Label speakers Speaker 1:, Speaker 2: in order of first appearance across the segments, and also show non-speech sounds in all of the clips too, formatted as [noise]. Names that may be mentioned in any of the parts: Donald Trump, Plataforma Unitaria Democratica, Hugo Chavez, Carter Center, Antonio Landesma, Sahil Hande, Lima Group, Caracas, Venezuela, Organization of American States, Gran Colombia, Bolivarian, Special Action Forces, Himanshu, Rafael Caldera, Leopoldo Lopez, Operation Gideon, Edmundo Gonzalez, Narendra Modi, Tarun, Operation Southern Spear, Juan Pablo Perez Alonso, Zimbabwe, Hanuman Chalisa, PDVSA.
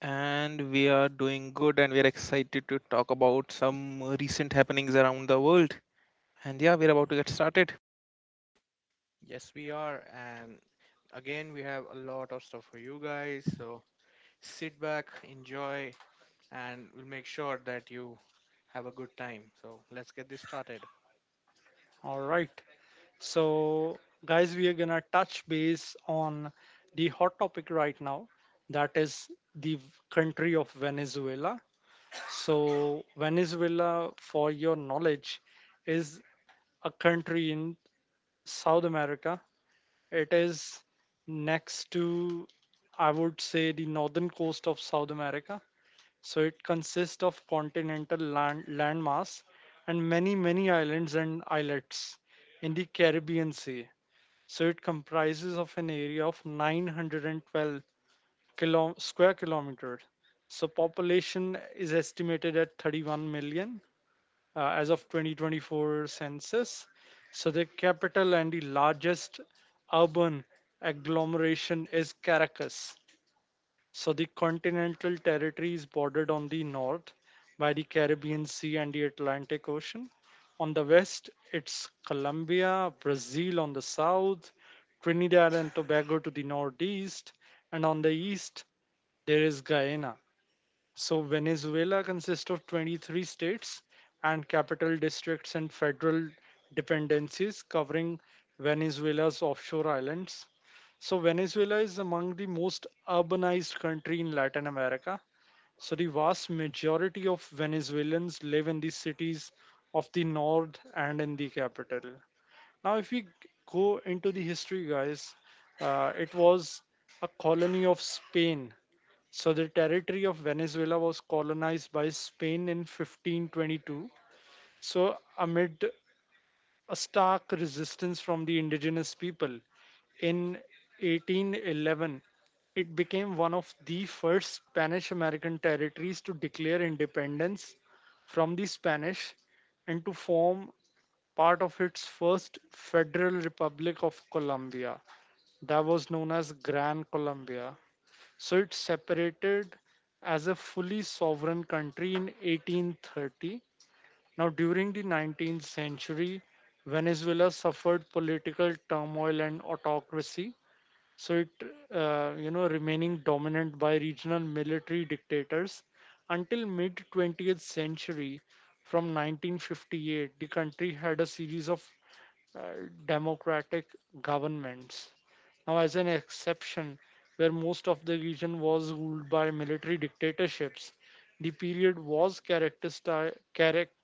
Speaker 1: And we are doing good, and we are excited to talk about some recent happenings around the world. And yeah, we're about to get started.
Speaker 2: Yes, we are. And again, we have a lot of stuff for you guys. So sit back, enjoy, and we'll make sure that you have a good time. So let's get this started.
Speaker 3: All right. So, guys, we are going to touch base on the hot topic right now, that is the country of Venezuela. So, Venezuela, for your knowledge, is a country in South America. It is next to, I would say, the northern coast of South America. So it consists of continental landmass and many, many islands and islets in the Caribbean Sea. So it comprises of an area of 912 square kilometers. So population is estimated at 31 million as of 2024 census. So the capital and the largest urban agglomeration is Caracas. So the continental territory is bordered on the north by the Caribbean Sea and the Atlantic Ocean. On the west, it's Colombia, Brazil on the south, Trinidad and Tobago to the northeast, and on the east, there is Guyana. So Venezuela consists of 23 states and capital districts and federal dependencies covering Venezuela's offshore islands. So Venezuela is among the most urbanized country in Latin America. So the vast majority of Venezuelans live in the cities of the north and in the capital. Now, if we go into the history, guys, it was a colony of Spain. So the territory of Venezuela was colonized by Spain in 1522, so amid a stark resistance from the indigenous people. In 1811, it became one of the first Spanish American territories to declare independence from the Spanish and to form part of its first Federal Republic of Colombia. That was known as Gran Colombia. So it separated as a fully sovereign country in 1830. Now, during the 19th century, Venezuela suffered political turmoil and autocracy, so it you know remaining dominant by regional military dictators until mid 20th century. From 1958 the country had a series of uh, democratic governments, now as an exception where most of the region was ruled by military dictatorships. The period was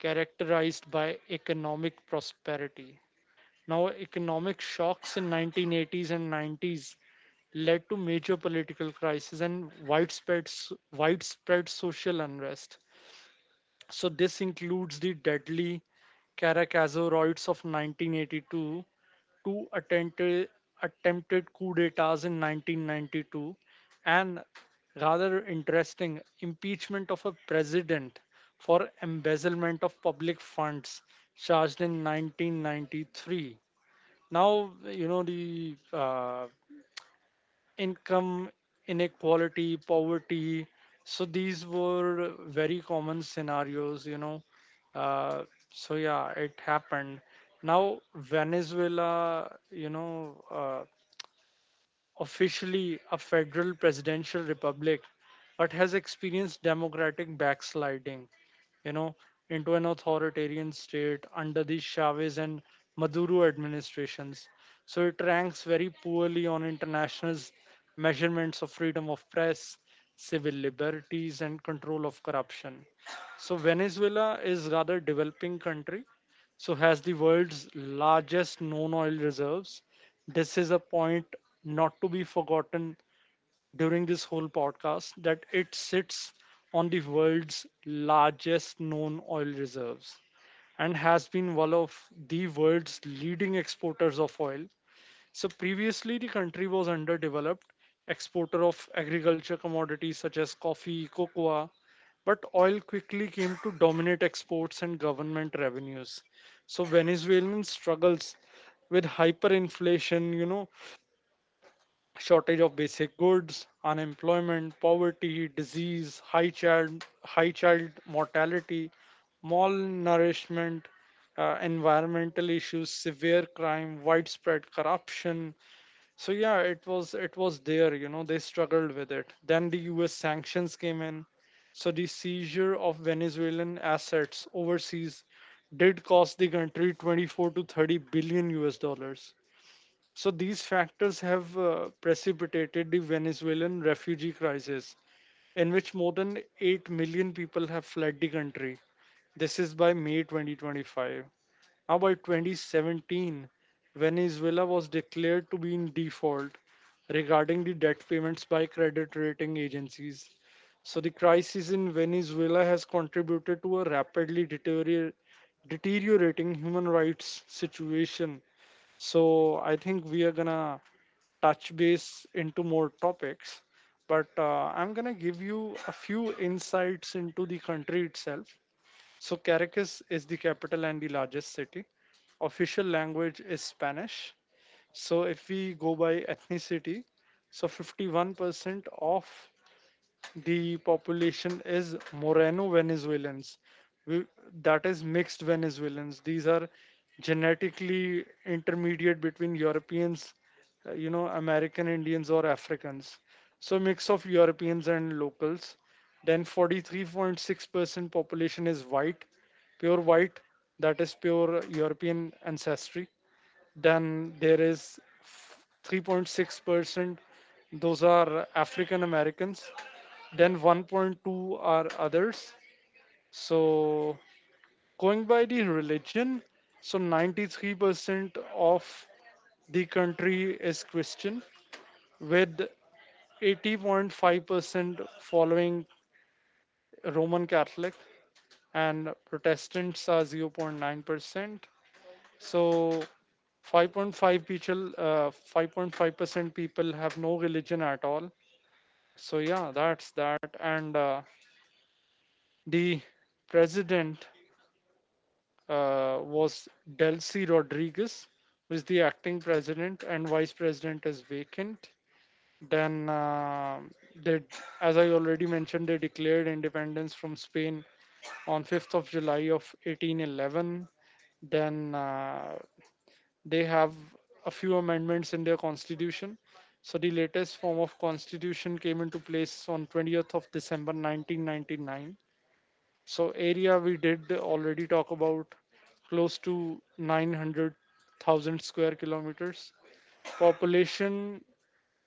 Speaker 3: characterized by economic prosperity. Now, economic shocks in 1980s and 90s led to major political crises and widespread social unrest. So this includes the deadly Caracazo riots of 1982, two attempted coup d'etats in 1992, and rather interesting impeachment of a president for embezzlement of public funds charged in 1993. Now, you know, the income inequality poverty, so these were very common scenarios, you know, uh, so yeah it happened. Now, Venezuela, you know, officially a federal presidential republic but has experienced democratic backsliding, you know, into an authoritarian state under the Chavez and Maduro administrations. So it ranks very poorly on international measurements of freedom of press, civil liberties and control of corruption. So Venezuela is rather developing country, so has the world's largest known oil reserves. This is a point not to be forgotten during this whole podcast, that it sits on the world's largest known oil reserves and has been one of the world's leading exporters of oil. So previously, the country was underdeveloped exporter of agriculture commodities such as coffee, cocoa, but oil quickly came to dominate exports and government revenues. So Venezuelan struggles with hyperinflation, you know, shortage of basic goods, unemployment, poverty, disease, high child mortality, malnourishment, environmental issues, severe crime, widespread corruption. So yeah, it was there. You know, they struggled with it. Then the U.S. sanctions came in. So the seizure of Venezuelan assets overseas did cost the country 24 to 30 billion US dollars. So these factors have precipitated the Venezuelan refugee crisis, in which more than 8 million people have fled the country. This is by May 2025. Now, by 2017, Venezuela was declared to be in default regarding the debt payments by credit rating agencies. So the crisis in Venezuela has contributed to a rapidly deteriorating human rights situation. So I think we are gonna touch base into more topics. But I'm going to give you a few insights into the country itself. So, Caracas is the capital and the largest city. Official language is Spanish. So, if we go by ethnicity, so 51% of the population is Moreno Venezuelans. We, that is mixed Venezuelans. These are genetically intermediate between Europeans, you know, American Indians or Africans. So mix of Europeans and locals. Then 43.6% population is white, pure white, that is pure European ancestry. Then there is 3.6%, those are African Americans. Then 1.2 are others. So going by the religion, so 93% of the country is Christian, with 80.5% following Roman Catholic, and Protestants are 0.9%. So 5.5% people have no religion at all. So yeah, that's that. And the president was Delcy Rodriguez, who is the acting president, and vice president is vacant. Then they, as I already mentioned, they declared independence from Spain on 5th of July of 1811. Then they have a few amendments in their constitution. So the latest form of constitution came into place on 20th of December 1999. So area we did already talk about, close to 900,000 square kilometers. Population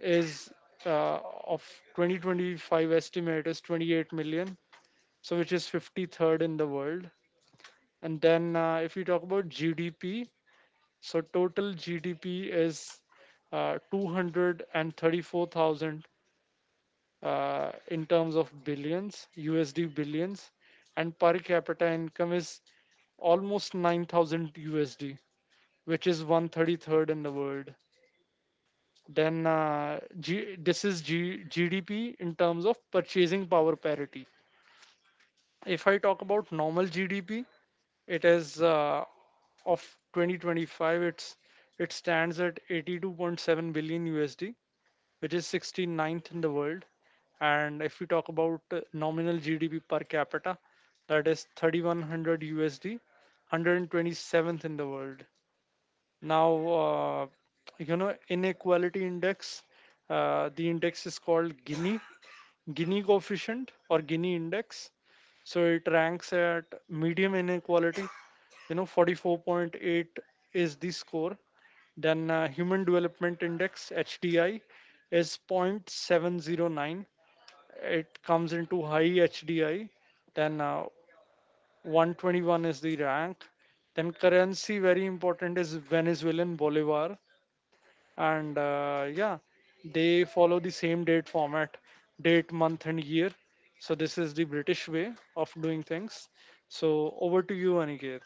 Speaker 3: is, uh, of 2025 estimate is 28 million, so which is 53rd in the world. And then if you talk about GDP, so total GDP is 234,000 in terms of billions, USD billions, and per capita income is almost 9,000 USD, which is 133rd in the world. Then GDP in terms of purchasing power parity. If I talk about normal GDP, it is, of 2025, it stands at 82.7 billion USD which is 69th in the world. And if we talk about nominal GDP per capita, that is 3100 USD, 127th in the world. Now, you know, inequality index, the index is called Gini, Gini coefficient or Gini index. So it ranks at medium inequality, you know, 44.8 is the score. Then Human Development Index (HDI) is 0.709. It comes into high HDI. Then 121 is the rank. Then currency, very important, is Venezuelan bolivar, and yeah, they follow the same date format, date, month, and year. So this is the British way of doing things. So over to you, Aniket.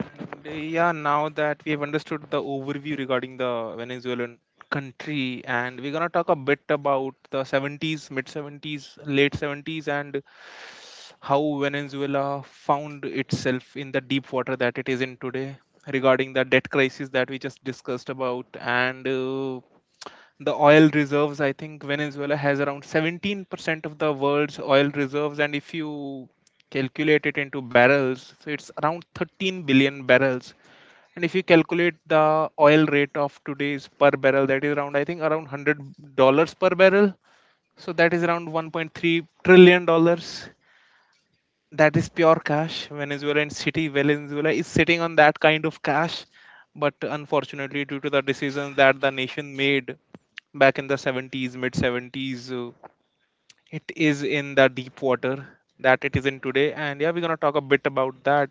Speaker 1: And Yeah, now that we have understood the overview regarding the Venezuelan country, and we're gonna talk a bit about the '70s, mid '70s, late '70s, and how Venezuela found itself in the deep water that it is in today regarding the debt crisis that we just discussed about. And The oil reserves, I think Venezuela has around 17% of the world's oil reserves. And if you calculate it into barrels, so it's around 13 billion barrels. And if you calculate the oil rate of today's per barrel, that is around, I think around $100 per barrel. So that is around 1.3 trillion dollars. That is pure cash Venezuela, and city Venezuela is sitting on that kind of cash. But unfortunately, due to the decisions that the nation made back in the '70s, mid '70s, it is in the deep water that it is in today. And yeah, we're going to talk a bit about that.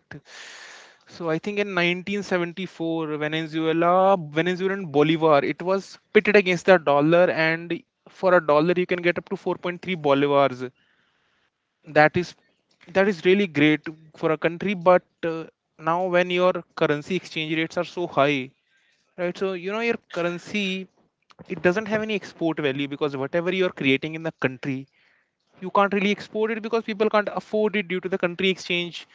Speaker 1: So I think in 1974, Venezuela, Venezuelan Bolivar, it was pitted against the dollar, and for a dollar you can get up to 4.3 bolivars. That is that is really great for a country, but now when your currency exchange rates are so high, right? So you know, your currency, it doesn't have any export value, because whatever you're creating in the country, you can't really export it because people can't afford it due to the country exchange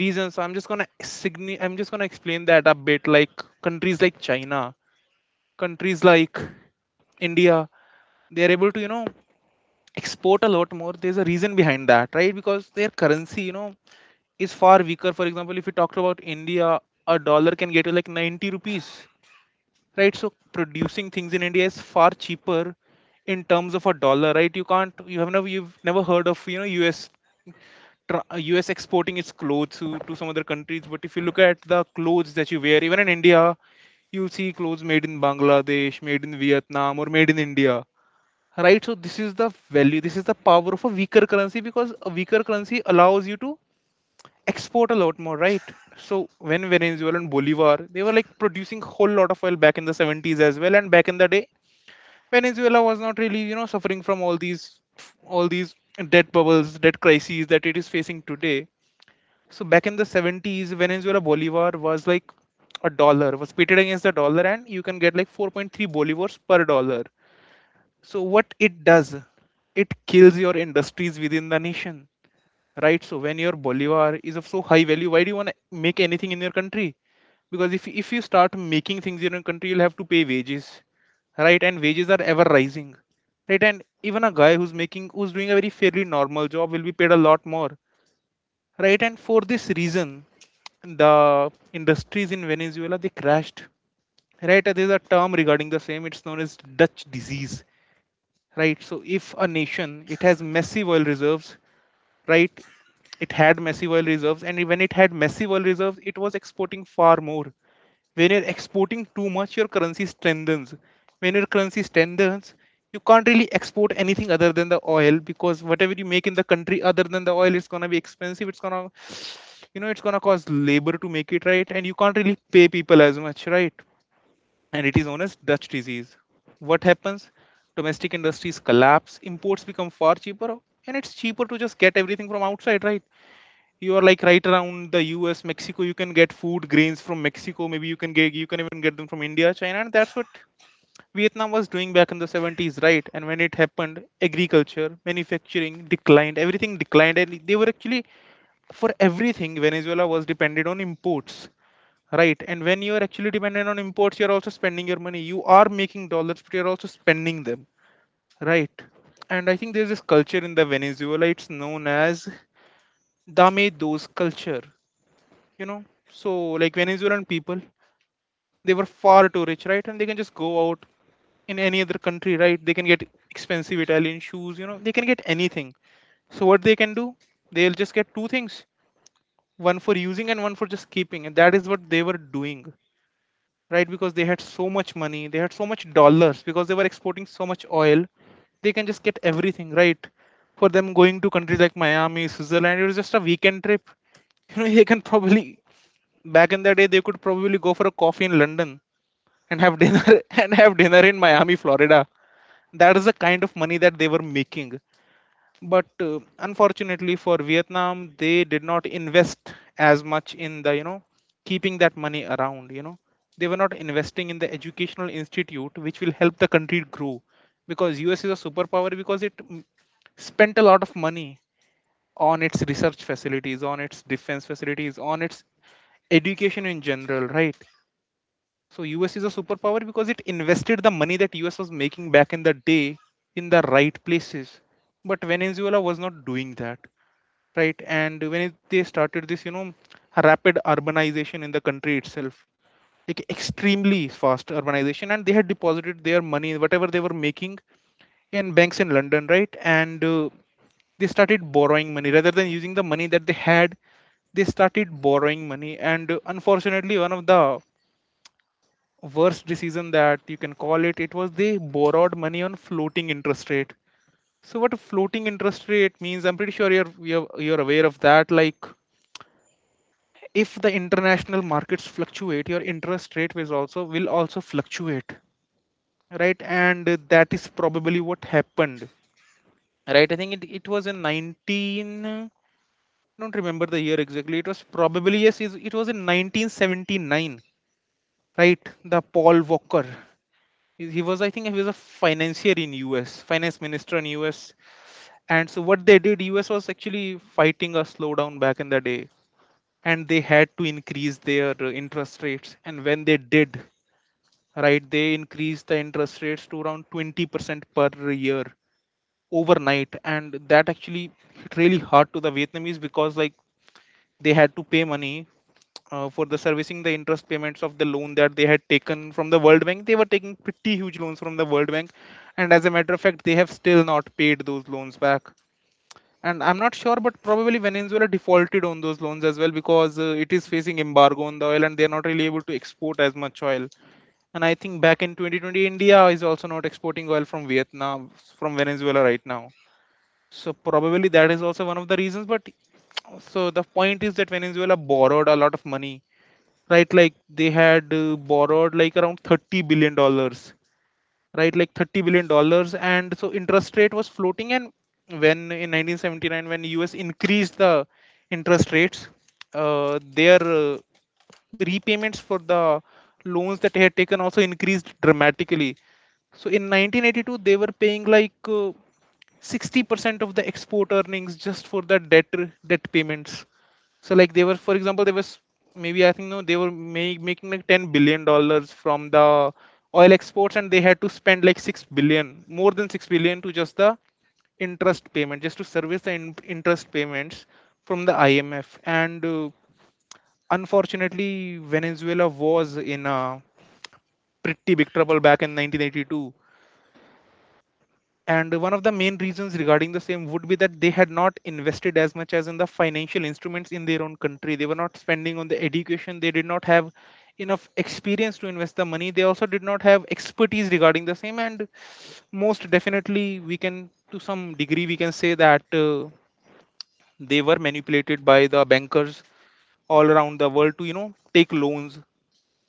Speaker 1: reasons. So I'm just gonna explain that a bit. Like countries like China, countries like India, they're able to, you know, export a lot more. There's a reason behind that, right? Because their currency, you know, is far weaker. For example, if you talk about India, a dollar can get you like 90 rupees, right? So producing things in India is far cheaper in terms of a dollar. Right, you can't, you have never, you've never heard of, you know, US exporting its clothes to some other countries. But if you look at the clothes that you wear, even in India, you see clothes made in Bangladesh, made in Vietnam, or made in India, right? So this is the value, this is the power of a weaker currency, because a weaker currency allows you to export a lot more, right? So when Venezuela and Bolivar, they were like producing whole lot of oil back in the '70s as well, and back in the day, Venezuela was not really, you know, suffering from all these debt bubbles, debt crises, that it is facing today. So back in the '70s, Venezuela Bolivar was like a dollar, was pitted against the dollar, and you can get like 4.3 bolivars per dollar. So what it does, it kills your industries within the nation, right? So when your Bolivar is of so high value, why do you want to make anything in your country? Because if you start making things in your country, you'll have to pay wages, right? And wages are ever rising, right? And even a guy who's making, who's doing a very fairly normal job, will be paid a lot more, right? And for this reason, the industries in Venezuela, they crashed, right? There's a term regarding the same, it's known as Dutch disease, right? So if a nation, it has massive oil reserves, right, it had massive oil reserves, and when it had massive oil reserves, it was exporting far more. When you're exporting too much, your currency strengthens. When your currency strengthens, you can't really export anything other than the oil, because whatever you make in the country other than the oil, it's going to be expensive, it's going to, you know, it's going to cause labor to make it, right? And you can't really pay people as much, right? And it is known as Dutch disease. What happens, domestic industries collapse, imports become far cheaper, and it's cheaper to just get everything from outside, right? You are like right around the US, Mexico. You can get food grains from Mexico. Maybe you can get, you can even get them from India, China, and that's what Vietnam was doing back in the '70s, right? And when it happened, agriculture, manufacturing declined, everything declined, and they were actually, for everything, Venezuela was dependent on imports. Right, and when you are actually dependent on imports, you're also spending your money. You are making dollars, but you're also spending them. Right, and I think there's this culture in the Venezuela, it's known as Dame Dos culture, you know. So like Venezuelan people, they were far too rich, right? And they can just go out in any other country, right? They can get expensive Italian shoes, you know, they can get anything. So what they can do, they'll just get two things, one for using and one for just keeping, and that is what they were doing, right? Because they had so much money, they had so much dollars, because they were exporting so much oil, they can just get everything, right? For them, going to countries like Miami, Switzerland, it was just a weekend trip. [laughs] You know, they can probably, back in the day, they could probably go for a coffee in London and have dinner [laughs] and have dinner in Miami, Florida. That is the kind of money that they were making. But Unfortunately for Vietnam, they did not invest as much in the, you know, keeping that money around. You know, they were not investing in the educational institute which will help the country grow, because US is a superpower because it spent a lot of money on its research facilities, on its defense facilities, on its education in general, right? So US is a superpower because it invested the money that US was making back in the day in the right places. But Venezuela was not doing that, right? And when it, they started this, you know, rapid urbanization in the country itself, like extremely fast urbanization, and they had deposited their money, whatever they were making, in banks in London, right? And They started borrowing money rather than using the money that they had. They started borrowing money, and unfortunately, one of the worst decision that you can call it, it was they borrowed money on floating interest rate. So what a floating interest rate means, I'm pretty sure you're aware of that. Like if the international markets fluctuate, your interest rate will also fluctuate, right? And that is probably what happened, right? I think it was in 19, I don't remember the year exactly, it was probably, yes, it was in 1979, right? The Paul Walker, he was, I think he was a financier in US, finance minister in US. And so what they did, US was actually fighting a slowdown back in the day, and they had to increase their interest rates. And when they did, right, they increased the interest rates to around 20% per year overnight, and that actually hit really hard to the Vietnamese, because like they had to pay money for the servicing the interest payments of the loan that they had taken from the World Bank. They were taking pretty huge loans from the World Bank, and as a matter of fact, they have still not paid those loans back. And I'm not sure, but probably Venezuela defaulted on those loans as well, because it is facing embargo on the oil, and they are not really able to export as much oil. And I think back in 2020, India is also not exporting oil from Vietnam, from Venezuela right now. So probably that is also one of the reasons. But so the point is that Venezuela borrowed a lot of money, right? Like they had borrowed like around 30 billion dollars, right? Like 30 billion dollars. And so interest rate was floating, and when in 1979, when US increased the interest rates, their repayments for the loans that they had taken also increased dramatically. So in 1982, they were paying like 60% of the export earnings just for the debt payments. So like they were, for example, they was maybe I think no, they were make, making like $10 billion from the oil exports, and they had to spend like 6 billion, more than 6 billion, to just the interest payment, just to service the interest payments from the IMF. And Unfortunately, Venezuela was in a pretty big trouble back in 1982, and one of the main reasons regarding the same would be that they had not invested as much as in the financial instruments in their own country. They were not spending on the education, they did not have enough experience to invest the money, they also did not have expertise regarding the same, and most definitely we can, to some degree we can say that they were manipulated by the bankers all around the world to, you know, take loans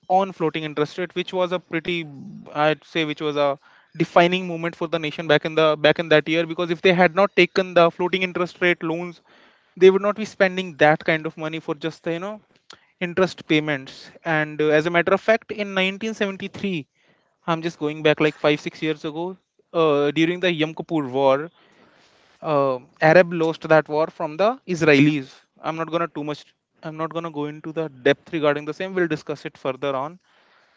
Speaker 1: on floating interest rate, which was a pretty, I'd say, which was a defining moment for the nation back in that year. Because if they had not taken the floating interest rate loans, they would not be spending that kind of money for just the, you know, interest payments. And As a matter of fact, in 1973, I'm just going back like 5 6 years ago. During the Yom Kippur War, Arab lost that war from the Israelis. I'm not gonna too much. I'm not gonna go into the depth regarding the same. We'll discuss it further on.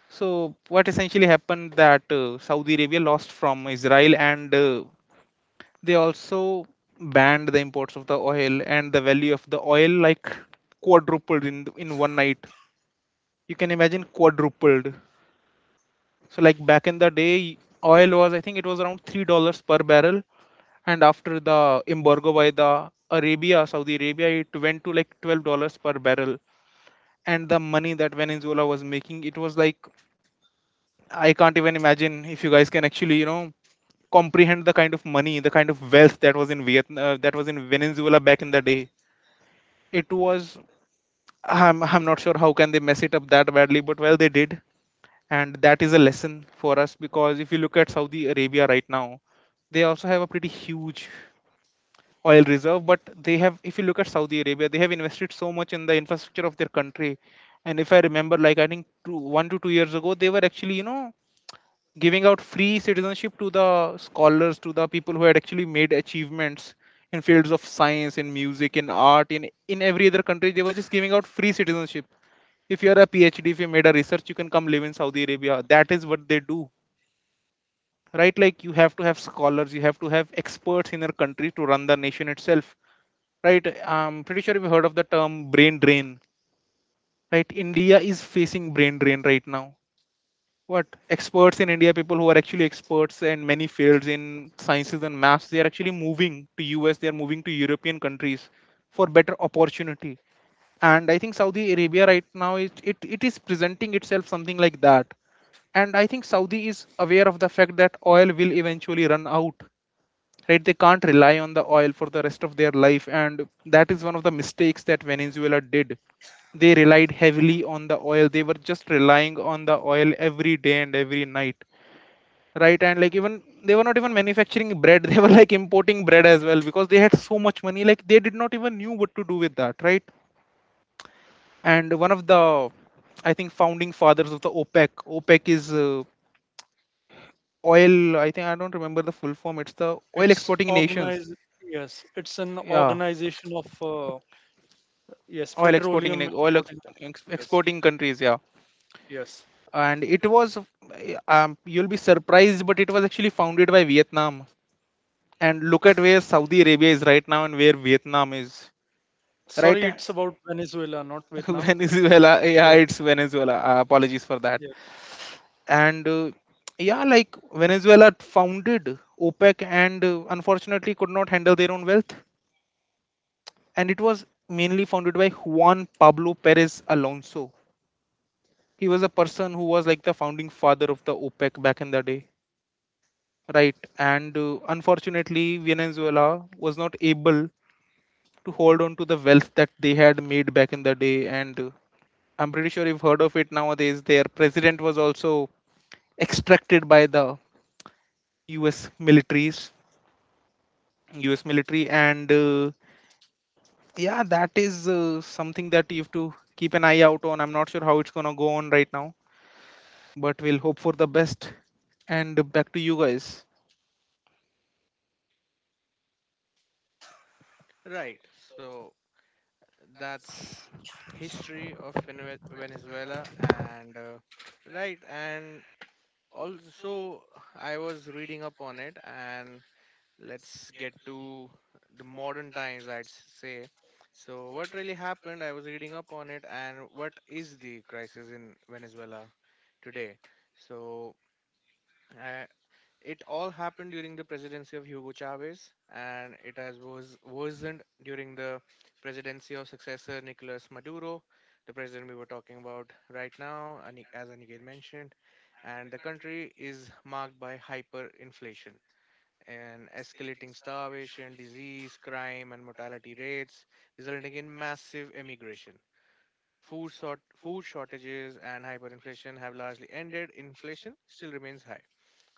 Speaker 1: So what essentially happened that Saudi Arabia lost from Israel, and they also banned the imports of the oil, and the value of the oil, like, quadrupled in one night. You can imagine, quadrupled. So, like, back in the day, oil was, I think it was around $3 per barrel, and after the embargo by the Arabia, Saudi Arabia, it went to like $12 per barrel. And the money that Venezuela was making, it was like, I can't even imagine if you guys can actually, you know, comprehend the kind of money, the kind of wealth that was in Vietnam, that was in Venezuela back in the day. It was, I'm not sure how can they mess it up that badly, but well they did, and that is a lesson for us. Because if you look at Saudi Arabia right now, they also have a pretty huge oil reserve, but they have, if you look at Saudi Arabia, they have invested so much in the infrastructure of their country. And if I remember, like I think two, 1 to 2 years ago, they were actually, you know, giving out free citizenship to the scholars, to the people who had actually made achievements in fields of science, in music, in art, in every other country. They were just giving out free citizenship. If you are a PhD, if you made a research, you can come live in Saudi Arabia. That is what they do, right? Like, you have to have scholars, you have to have experts in your country to run the nation itself, right? I'm pretty sure you've heard of the term brain drain, right? India is facing brain drain right now. What, experts in India, people who are actually experts in many fields in sciences and maths, they are actually moving to US, they are moving to European countries for better opportunity. And I think Saudi Arabia right now is, it is presenting itself something like that. And I think Saudi is aware of the fact that oil will eventually run out, right? They can't rely on the oil for the rest of their life, and that is one of the mistakes that Venezuela did. They relied heavily on the oil, they were just relying on the oil every day and every night, right? And, like, even they were not even manufacturing bread, [laughs] they were like importing bread as well because they had so much money, like they did not even knew what to do with that, right? And one of the, I think, founding fathers of the OPEC, OPEC is oil, I think I don't remember the full form, it's the oil
Speaker 3: It's
Speaker 1: exporting nations,
Speaker 3: organized. Yes, it's an
Speaker 1: yeah,
Speaker 3: organization of yes,
Speaker 1: oil exporting
Speaker 3: petroleum
Speaker 1: in oil ex-
Speaker 3: exporting
Speaker 1: ex-
Speaker 3: nations. Yes.
Speaker 1: exporting countries, yeah.
Speaker 3: Yes.
Speaker 1: And it was, you'll be surprised, but it was actually founded by Vietnam, and look at where Saudi Arabia is right now and where Vietnam is. Right.
Speaker 3: Sorry, it's about Venezuela, not
Speaker 1: [laughs]
Speaker 3: Vietnam.
Speaker 1: Venezuela, yeah,
Speaker 3: Yes.
Speaker 1: it's Venezuela, apologies for that.
Speaker 3: Yes.
Speaker 1: And Yeah, like Venezuela founded OPEC, and unfortunately could not handle their own wealth. And it was mainly founded by Juan Pablo Perez Alonso. He was a person who was like the founding father of the OPEC back in the day, right? And Unfortunately, Venezuela was not able to hold on to the wealth that they had made back in the day. And I'm pretty sure you've heard of it nowadays. Their president was also extracted by the U.S. militaries, U.S. military, and yeah, that is something that you have to keep an eye out on. I'm not sure how it's gonna go on right now, but we'll hope for the best. And back to you guys.
Speaker 2: Right. So that's Venezuela. And right. And also, I was reading up on it, and let's get to the modern times, I'd say. So what really happened? I was reading up on it. And what is the crisis in Venezuela today? So uh, it all happened during the presidency of Hugo Chavez, and it has was worsened during the presidency of successor Nicolas Maduro, the president we were talking about right now. As Aniket mentioned, and the country is marked by hyperinflation and escalating starvation, disease, crime, and mortality rates, resulting in massive emigration. Food shortages and hyperinflation have largely ended. Inflation still remains high.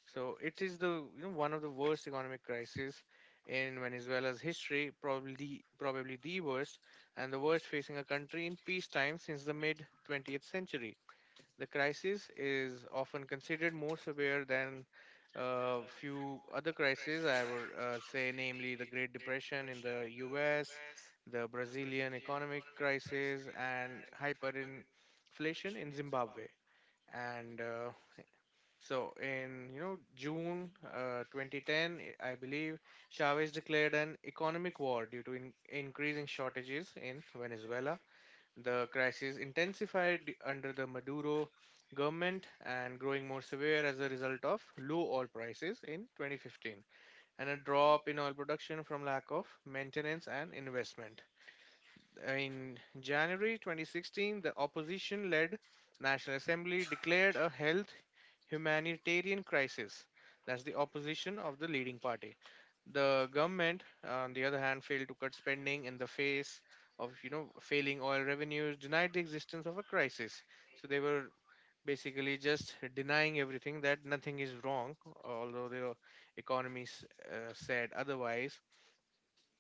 Speaker 2: So it is the, you know, one of the worst economic crises in Venezuela's history, probably probably the worst, and the worst facing a country in peacetime since the mid 20th century. The crisis is often considered more severe than a few other crises, I would say, namely the Great Depression in the US, the Brazilian economic crisis, and hyperinflation in Zimbabwe. And so, in, you know, June 2010, I believe Chavez declared an economic war due to increasing shortages in Venezuela. The crisis intensified under the Maduro government and growing more severe as a result of low oil prices in 2015 and a drop in oil production from lack of maintenance and investment. In January 2016, the opposition led National Assembly declared a health humanitarian crisis. That's the opposition of the leading party. The government, on the other hand, failed to cut spending in the face of, you know, failing oil revenues, denied the existence of a crisis. So they were basically just denying everything, that nothing is wrong, although the economies said otherwise,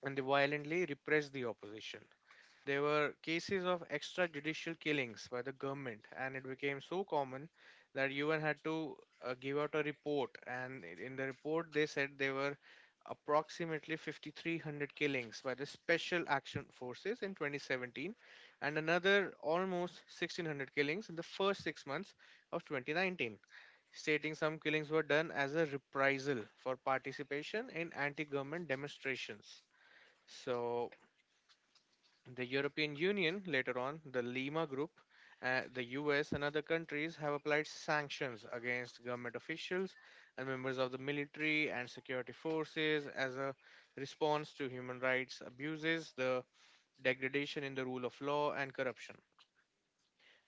Speaker 2: and they violently repressed the opposition. There were cases of extrajudicial killings by the government, and it became so common that UN had to give out a report. And in the report, they said there were approximately 5,300 killings by the Special Action Forces in 2017, and another almost 1,600 killings in the first 6 months of 2019, stating some killings were done as a reprisal for participation in anti government demonstrations. So the European Union, later on, the Lima Group, the US, and other countries have applied sanctions against government officials and members of the military and security forces as a response to human rights abuses, the degradation in the rule of law, and corruption.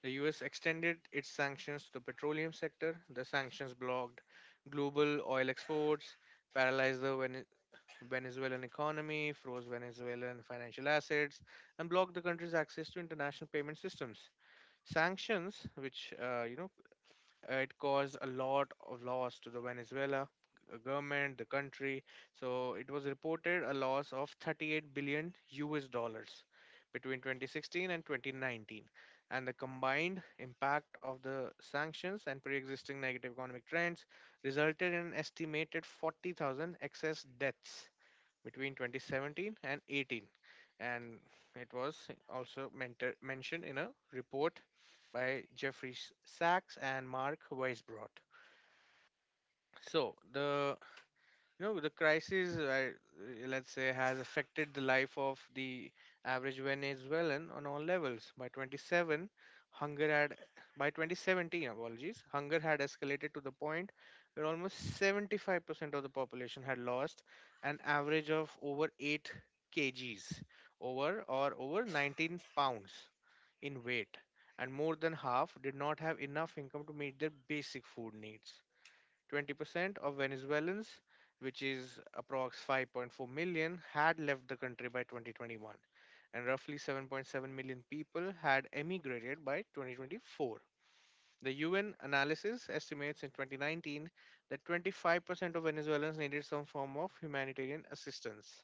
Speaker 2: The US extended its sanctions to the petroleum sector. The sanctions blocked global oil exports, paralyzed the Venezuelan economy, froze Venezuelan financial assets, and blocked the country's access to international payment systems. Sanctions, which, it caused a lot of loss to the Venezuela government, the country. So it was reported a loss of 38 billion US dollars between 2016 and 2019, and the combined impact of the sanctions and pre-existing negative economic trends resulted in an estimated 40,000 excess deaths between 2017 and 18, and it was also mentioned in a report by Jeffrey Sachs and Mark Weisbrot. So the, you know, the crisis, let's say, has affected the life of the average Venezuelan on all levels. By 27, hunger had, by 2017, apologies, hunger had escalated to the point where almost 75% of the population had lost an average of over 8 kgs, over or over 19 lbs in weight, and more than half did not have enough income to meet their basic food needs. 20% of Venezuelans, which is approx 5.4 million, had left the country by 2021, and roughly 7.7 million people had emigrated by 2024. The UN analysis estimates in 2019 that 25% of Venezuelans needed some form of humanitarian assistance.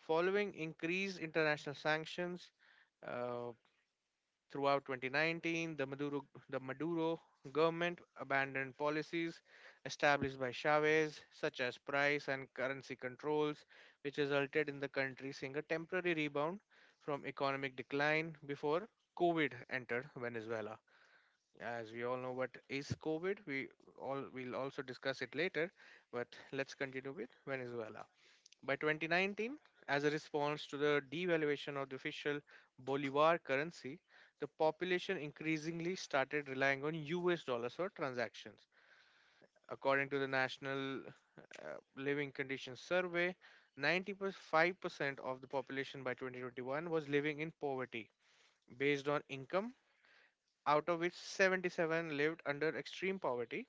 Speaker 2: Following increased international sanctions, uh, throughout 2019, the Maduro government abandoned policies established by Chavez, such as price and currency controls, which resulted in the country seeing a temporary rebound from economic decline before COVID entered Venezuela. As we all know, what is COVID? We all will also discuss it later, but let's continue with Venezuela. By 2019, as a response to the devaluation of the official Bolivar currency, the population increasingly started relying on US dollars for transactions. According to the National Living Conditions Survey, 95% of the population by 2021 was living in poverty based on income, out of which 77 lived under extreme poverty,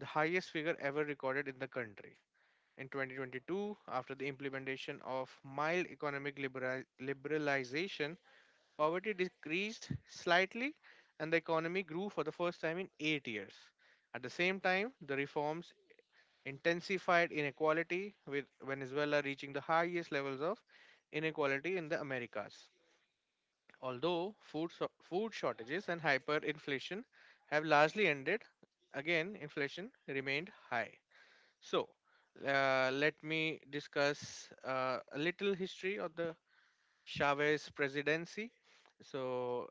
Speaker 2: the highest figure ever recorded in the country. In 2022, after the implementation of mild economic liberalization, poverty decreased slightly and the economy grew for the first time in 8 years. At the same time, the reforms intensified inequality, with Venezuela reaching the highest levels of inequality in the Americas. Although food shortages and hyperinflation have largely ended, again, inflation remained high. So, let me discuss a little history of the Chavez presidency. So,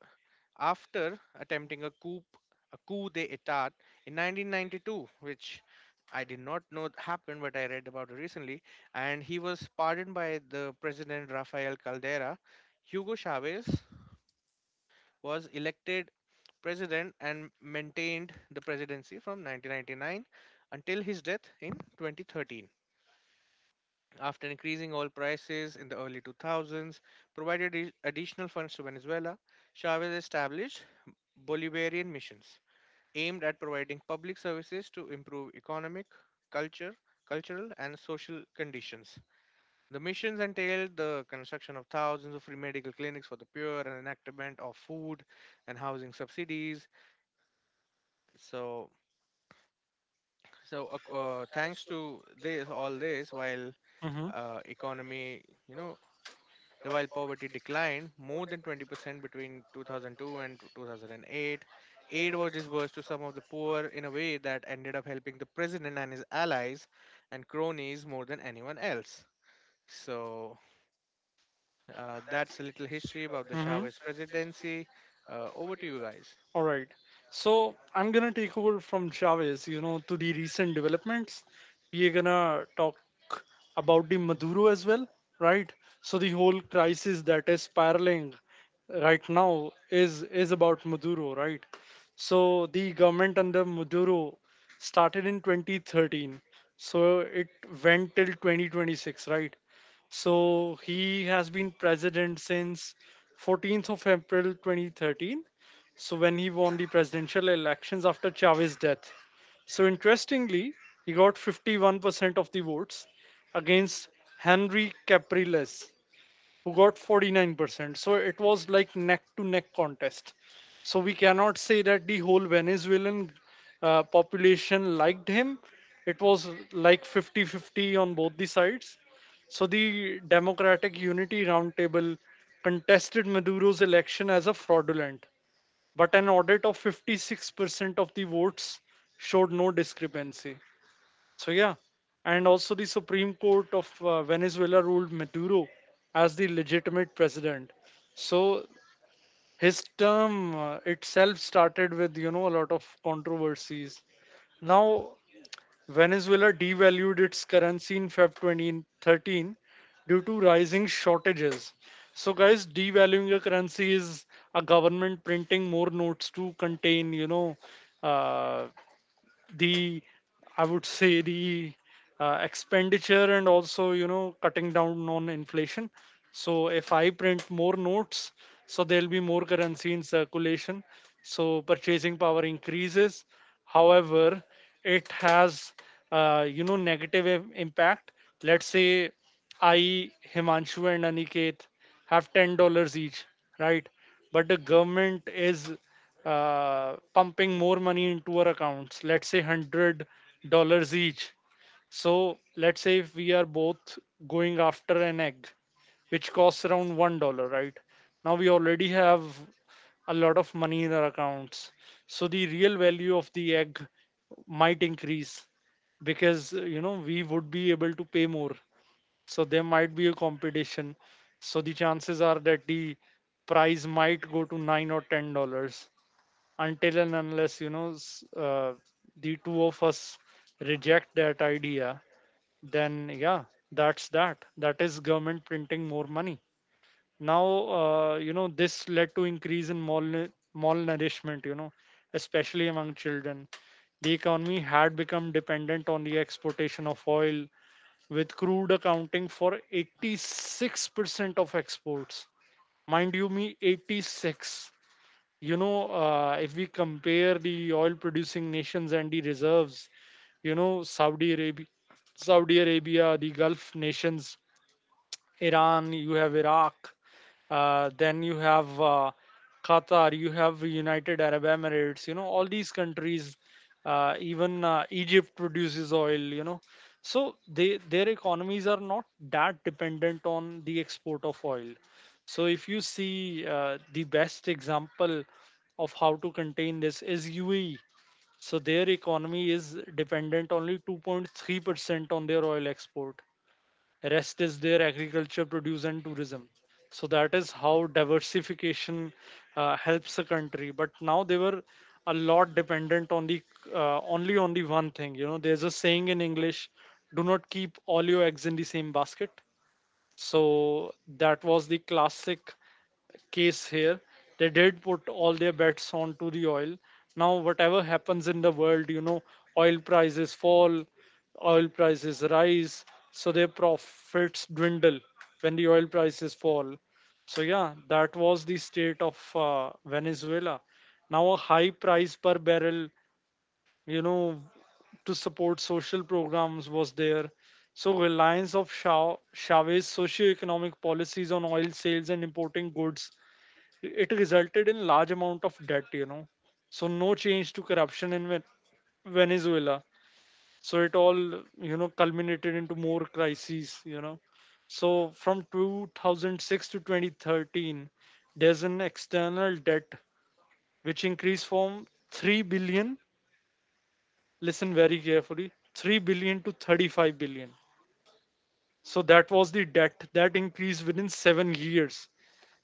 Speaker 2: after attempting a coup d'état in 1992, which I did not know it happened, but I read about it recently, and he was pardoned by the president Rafael Caldera. Hugo Chavez was elected president and maintained the presidency from 1999 until his death in 2013. After increasing oil prices in the early 2000s provided additional funds to Venezuela, Chavez established Bolivarian missions aimed at providing public services to improve economic, culture, cultural and social conditions. The missions entailed the construction of thousands of free medical clinics for the poor and enactment of food and housing subsidies. So, so, thanks to this, all this, while
Speaker 3: Mm-hmm.
Speaker 2: uh, economy, you know, while poverty declined more than 20% between 2002 and 2008, aid was disbursed to some of the poor in a way that ended up helping the president and his allies and cronies more than anyone else. So that's a little history about the
Speaker 3: Mm-hmm.
Speaker 2: Chavez presidency. Over to you guys.
Speaker 3: All right. So I'm gonna take over from Chavez, you know, to the recent developments. We're gonna talk about the Maduro as well, right? So the whole crisis that is spiraling right now is about Maduro, right? So the government under Maduro started in 2013. So it went till 2026, right? So he has been president since 14th of April 2013, so when he won the presidential elections after Chavez's death. So interestingly, he got 51% of the votes against Henry Capriles, who got 49%. So it was like neck to neck contest. So we cannot say that the whole Venezuelan population liked him. It was like 50-50 on both the sides. So the Democratic Unity Roundtable contested Maduro's election as a fraudulent, but an audit of 56% of the votes showed no discrepancy. So, yeah. And also, the Supreme Court of Venezuela ruled Maduro as the legitimate president. So, his term itself started with, you know, a lot of controversies. Now, Venezuela devalued its currency in Feb 2013 due to rising shortages. So, guys, devaluing a currency is a government printing more notes to contain, you know, uh, the, I would say, the expenditure and also you know cutting down on inflation. So if I print more notes, so there'll be more currency in circulation, so purchasing power increases. However, it has, you know, negative impact. Let's say I, Himanshu and Aniket have $10 each, right? But the government is, pumping more money into our accounts, let's say $100 each. So let's say if we are both going after an egg, which costs around $1, right? Now we already have a lot of money in our accounts, so the real value of the egg might increase because, you know, we would be able to pay more. So there might be a competition. So the chances are that the price might go to 9 or $10, until and unless, you know, the two of us reject that idea. Then yeah, that is government printing more money. Now, you know, this led to increase in malnourishment, you know, especially among children. The economy had become dependent on the exportation of oil with crude accounting for 86% of exports. Mind you, me 86. If we compare the oil-producing nations and the reserves, you know, Saudi Arabia, the Gulf nations, Iran, you have Iraq, then you have Qatar, you have United Arab Emirates, you know, all these countries, even Egypt produces oil, you know. So they their economies are not that dependent on the export of oil. So if you see the best example of how to contain this is UAE. So their economy is dependent only 2.3% on their oil export, rest is there agriculture produce and tourism. So that is how diversification helps a country, but now they were a lot dependent on the only on the one thing. You know, there's a saying in English, do not keep all your eggs in the same basket. So that was the classic case here. They did put all their bets onto the oil. Now, whatever happens in the world, you know, oil prices fall, oil prices rise, so their profits dwindle when the oil prices fall. So, yeah, that was the state of Venezuela. Now, a high price per barrel, you know, to support social programs was there. So, reliance of Chavez's socioeconomic policies on oil sales and importing goods, it resulted in large amount of debt, you know. So no change to corruption in Venezuela. So it all, you know, culminated into more crises, you know. So from 2006 to 2013, there's an external debt which increased from 3 billion, listen very carefully, 3 billion to 35 billion. So that was the debt that increased within 7 years.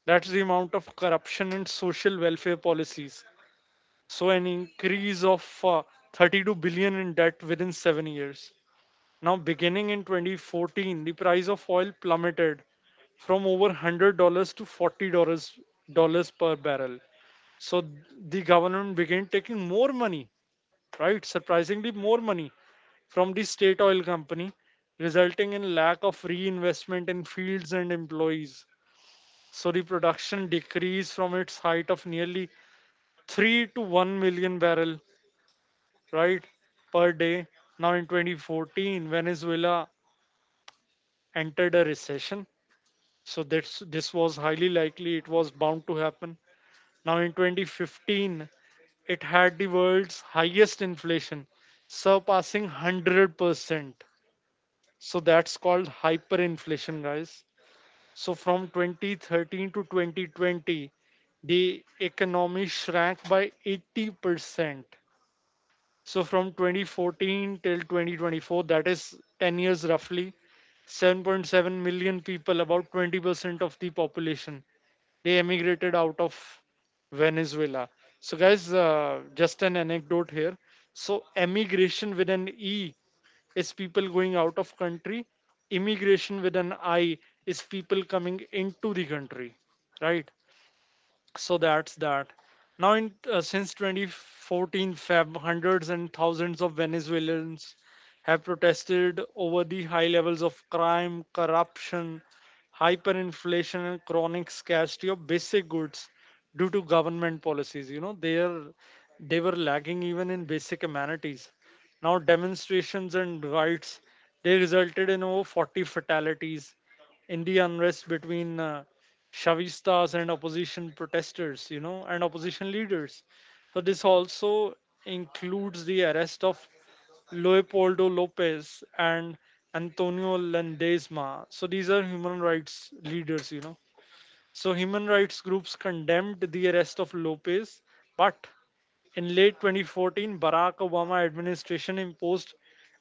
Speaker 3: That's the amount of corruption and social welfare policies. So an increase of 32 billion in debt within 7 years. Now, beginning in 2014, the price of oil plummeted from over $100 to $40 dollars per barrel. So the government began taking more money, right? Surprisingly, more money from the state oil company, resulting in lack of reinvestment in fields and employees. So the production decreased from its height of nearly 3 to 1 million barrel, right, per day. Now in 2014, Venezuela entered a recession. So that's, this was highly likely it was bound to happen. Now in 2015, it had the world's highest inflation, surpassing 100%. So that's called hyperinflation, guys. So from 2013 to 2020, the economy shrank by 80%. So from 2014 till 2024, that is 10 years roughly, 7.7 million people, about 20% of the population, they emigrated out of Venezuela. So, guys, just an anecdote here. So, emigration with an E is people going out of country. Immigration with an I is people coming into the country, right? So that's that. Now in since 2014 Feb, hundreds and thousands of Venezuelans have protested over the high levels of crime, corruption, hyperinflation and chronic scarcity of basic goods due to government policies. You know, they are, they were lagging even in basic amenities. Now demonstrations and riots, they resulted in over 40 fatalities in the unrest between Shavistas and opposition protesters, you know, and opposition leaders. So this also includes the arrest of Leopoldo Lopez and Antonio Landesma. So these are human rights leaders, you know. So human rights groups condemned the arrest of Lopez, but in late 2014, Barack Obama administration imposed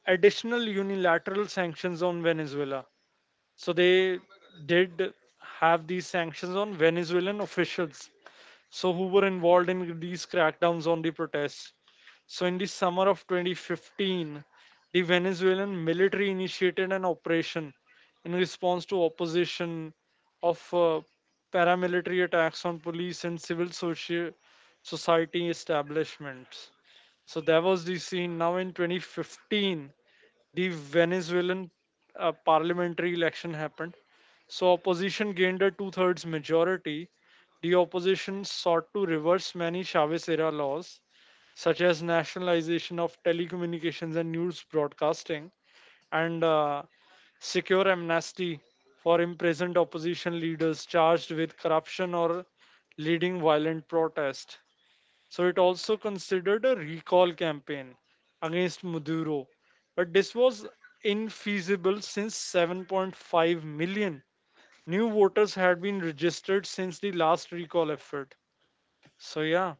Speaker 3: additional unilateral sanctions on Venezuela. So they did have these sanctions on Venezuelan officials, so who were involved in these crackdowns on the protests. So in the summer of 2015, the Venezuelan military initiated an operation in response to opposition of paramilitary attacks on police and civil society establishments. So that was the scene. Now in 2015, the Venezuelan parliamentary election happened. So opposition gained a two-thirds majority. The opposition sought to reverse many Chavez-era laws, such as nationalization of telecommunications and news broadcasting, and secure amnesty for imprisoned opposition leaders charged with corruption or leading violent protest. So it also considered a recall campaign against Maduro. But this was infeasible since 7.5 million new voters had been registered since the last recall effort. So, yeah,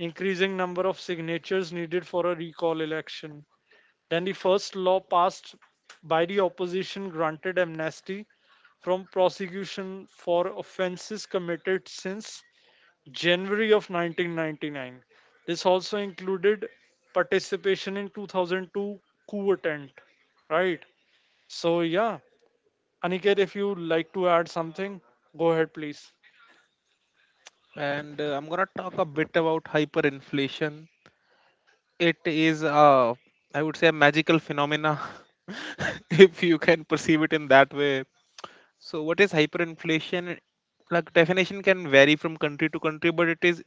Speaker 3: increasing number of signatures needed for a recall election. Then the first law passed by the opposition granted amnesty from prosecution for offenses committed since January of 1999. This also included participation in 2002 coup attempt, right? So yeah, Aniket, if you like to add something, go ahead, please.
Speaker 1: And I'm gonna talk a bit about hyperinflation. It is, I would say, a magical phenomena [laughs] if you can perceive it in that way. So, what is hyperinflation? Like, definition can vary from country to country, but it is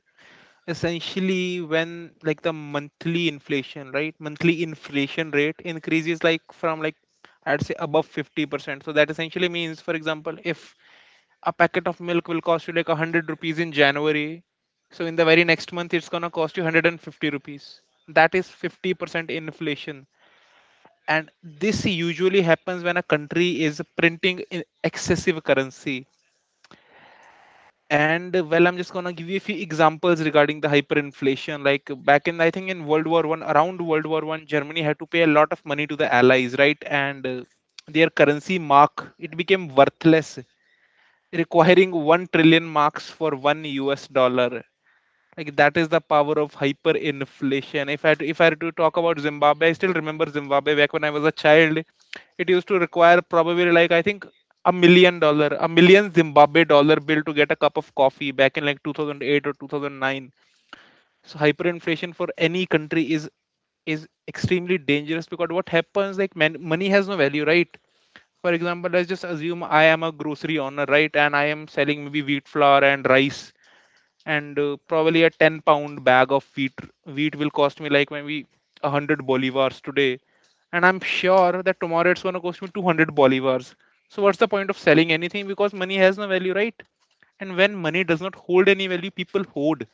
Speaker 1: essentially when, like, the monthly inflation, right? Monthly inflation rate increases like from like, I'd say, above 50%. So that essentially means, for example, if a packet of milk will cost you like 100 rupees in January. So in the very next month, it's going to cost you 150 rupees. That is 50% inflation. And this usually happens when a country is printing in excessive currency. And Well, I'm just going to give you a few examples regarding the hyperinflation. Like, back in, I think in World War One, around World War One, Germany had to pay a lot of money to the Allies, right? And Their currency mark, it became worthless, requiring 1 trillion marks for 1 US dollar. Like, that is the power of hyperinflation. If I were to talk about Zimbabwe, I still remember Zimbabwe back when I was a child. It used to require probably, like I think, $1 million, a million Zimbabwe dollar bill to get a cup of coffee back in like 2008 or 2009. So hyperinflation for any country is extremely dangerous because what happens, like, man, money has no value, right? For example, let's just assume I am a grocery owner, right? And I am selling maybe wheat flour and rice, and probably a 10 pound bag of wheat will cost me like maybe 100 bolivars today, and I'm sure that tomorrow it's going to cost me 200 bolivars. So what's the point of selling anything, because money has no value, right? And when money does not hold any value, people hoard.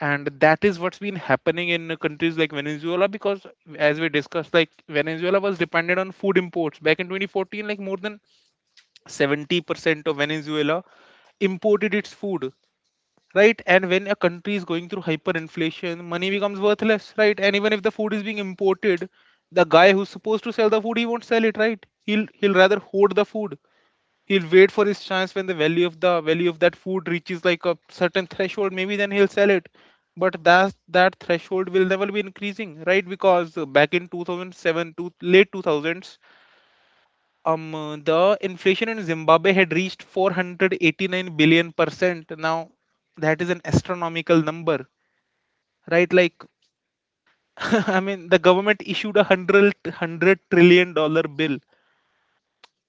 Speaker 1: And that is what's been happening in countries like Venezuela, because, as we discussed, like, Venezuela was dependent on food imports back in 2014. Like, more than 70% of Venezuela imported its food, right? And when a country is going through hyperinflation, money becomes worthless, right? And even if the food is being imported, the guy who's supposed to sell the food, he won't sell it, right? He'll rather hoard the food. He'll wait for his chance when the value of that food reaches like a certain threshold, maybe then he'll sell it. But that threshold will never be increasing, right? Because back in 2007 to late 2000s, the inflation in Zimbabwe had reached 489 billion%. Now, that is an astronomical number, right? Like, [laughs] I mean, the government issued a hundred trillion dollar bill.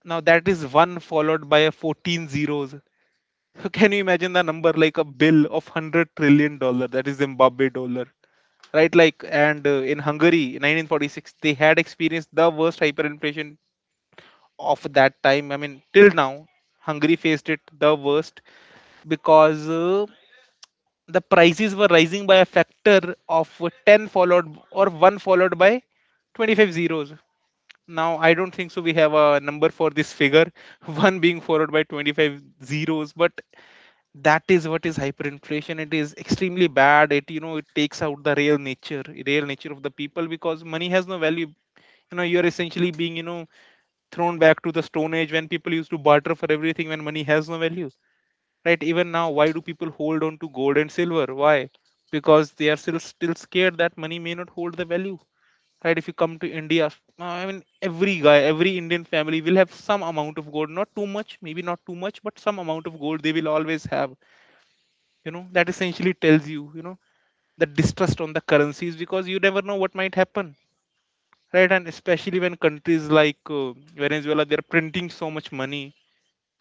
Speaker 1: Now, that is one followed by a 14 zeros. So can you imagine the number? Like, a bill of 100 trillion dollar, that is Zimbabwe dollar, right? Like, and in Hungary 1946, they had experienced the worst hyperinflation of that time. I mean, till now, Hungary faced it the worst. Because the prices were rising by a factor of 10 followed, or 1 followed by 25 zeros. Now, I don't think so. We have a number for this figure, [laughs] one being followed by 25 zeros, but that is what is hyperinflation. It is extremely bad. It, you know, it takes out the real nature of the people, because money has no value. You know, you're essentially being, thrown back to the stone age when people used to barter for everything when money has no value. Right, even now, why do people hold on to gold and silver? Why? Because they are still scared that money may not hold the value. Right, if you come to India, I mean, every Indian family will have some amount of gold, not too much, maybe not too much, but some amount of gold they will always have. That essentially tells you, you know the distrust on the currencies, because you never know what might happen. Right, and especially when countries like Venezuela, they're printing so much money,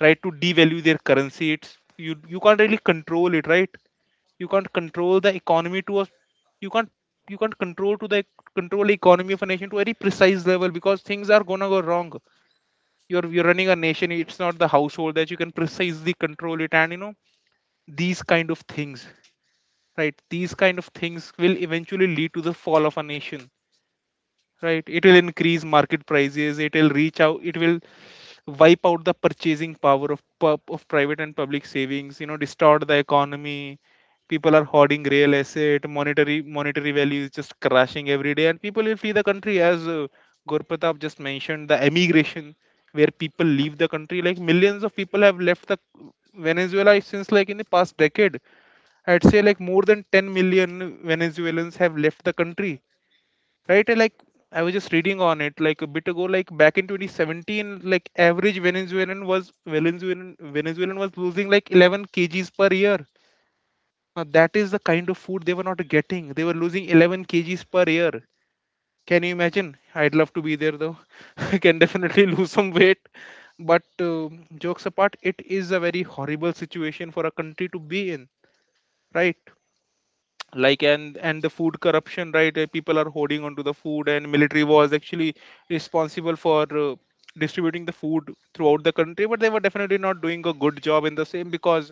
Speaker 1: right, to devalue their currency. It's, you can't really control it, right? You can't control the economy to a, you can't you can't control to the control economy of a nation to a very precise level because things are gonna go wrong. You're running a nation, it's not the household that you can precisely control it. And you know, these kind of things, right, these kind of things will eventually lead to the fall of a nation. Right, it will increase market prices, it will reach out, it will wipe out the purchasing power of private and public savings, you know, distort the economy. People are hoarding real estate, monetary value is just crashing every day and people will flee the country. As Gurpratap just mentioned, the emigration, where people leave the country. Like millions of people have left the Venezuela since, like, in the past decade. I'd say like more than 10 million Venezuelans have left the country, right? Like, I was just reading on it like a bit ago, like back in 2017, like average Venezuelan was losing like 11 kgs per year. Now that is the kind of food they were not getting, they were losing 11 kgs per year. Can you imagine? I'd love to be there though. [laughs] I can definitely [laughs] lose some weight. But uh, jokes apart, it is a very horrible situation for a country to be in, right? Like, and the food corruption, right? People are holding onto the food and military was actually responsible for distributing the food throughout the country, but they were definitely not doing a good job in the same, because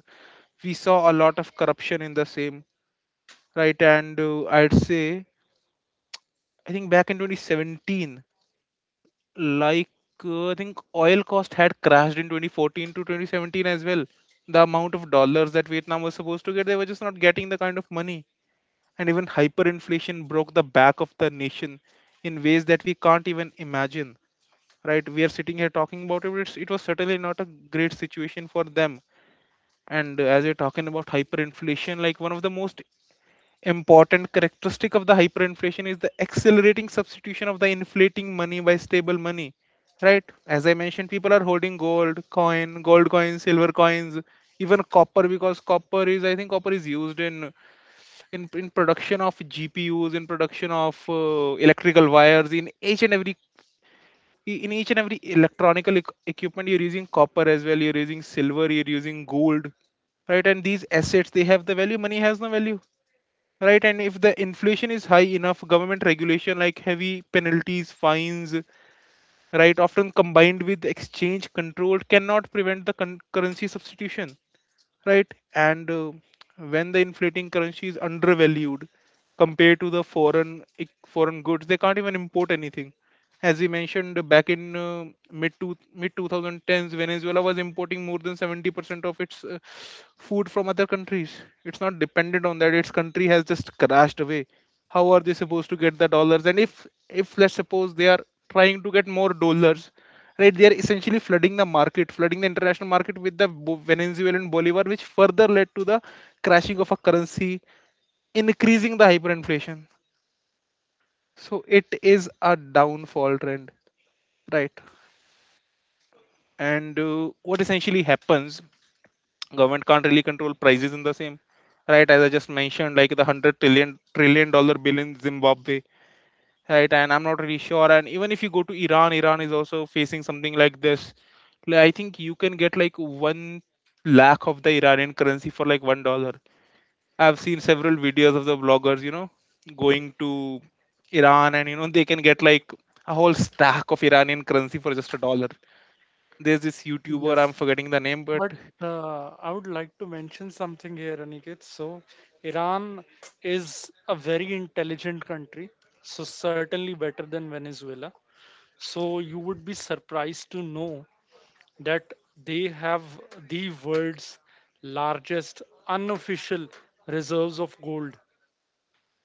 Speaker 1: we saw a lot of corruption in the same, right? And I'd say, I think back in 2017, like, I think oil cost had crashed in 2014 to 2017 as well. The amount of dollars that Vietnam was supposed to get, they were just not getting the kind of money. And even hyperinflation broke the back of the nation in ways that we can't even imagine. Right, we are sitting here talking about it, but it was certainly not a great situation for them. And as we are talking about hyperinflation, like one of the most important characteristic of the hyperinflation is the accelerating substitution of the inflating money by stable money. Right, as I mentioned, people are holding gold coins, silver coins, even copper, because copper is, I think copper is used in production of GPUs, in production of electrical wires, in each and every equipment. You're using copper as well, you're using silver, you're using gold, right? And these assets, they have the value, money has no value. Right, and if the inflation is high enough, government regulation like heavy penalties, fines, right, often combined with exchange control, cannot prevent the currency substitution, right? And when the inflating currency is undervalued compared to the foreign goods, they can't even import anything. As we mentioned, back in mid 2010s, Venezuela was importing more than 70% of its food from other countries. It's not dependent on that. Its country has just crashed away. How are they supposed to get the dollars? And if let's suppose they are trying to get more dollars, right, they are essentially flooding the market, flooding the international market with the Venezuelan bolivar, which further led to the crashing of a currency, increasing the hyperinflation. So it is a downfall trend, right? And what essentially happens, government can't really control prices in the same, right, as I just mentioned, like the 100 trillion dollar bill in Zimbabwe. Right, and I'm not really sure. And even if you go to Iran, Iran is also facing something like this. Like, I think you can get like one lakh of the Iranian currency for like $1. I've seen several videos of the vloggers, you know, going to Iran, and you know, they can get like a whole stack of Iranian currency for just a dollar. There's this YouTuber, I'm
Speaker 3: Yes,
Speaker 1: forgetting the name, but
Speaker 3: but I would like to mention something here, Aniket. So Iran is a very intelligent country, so certainly better than Venezuela. So you would be surprised to know that they have the world's largest unofficial reserves of gold,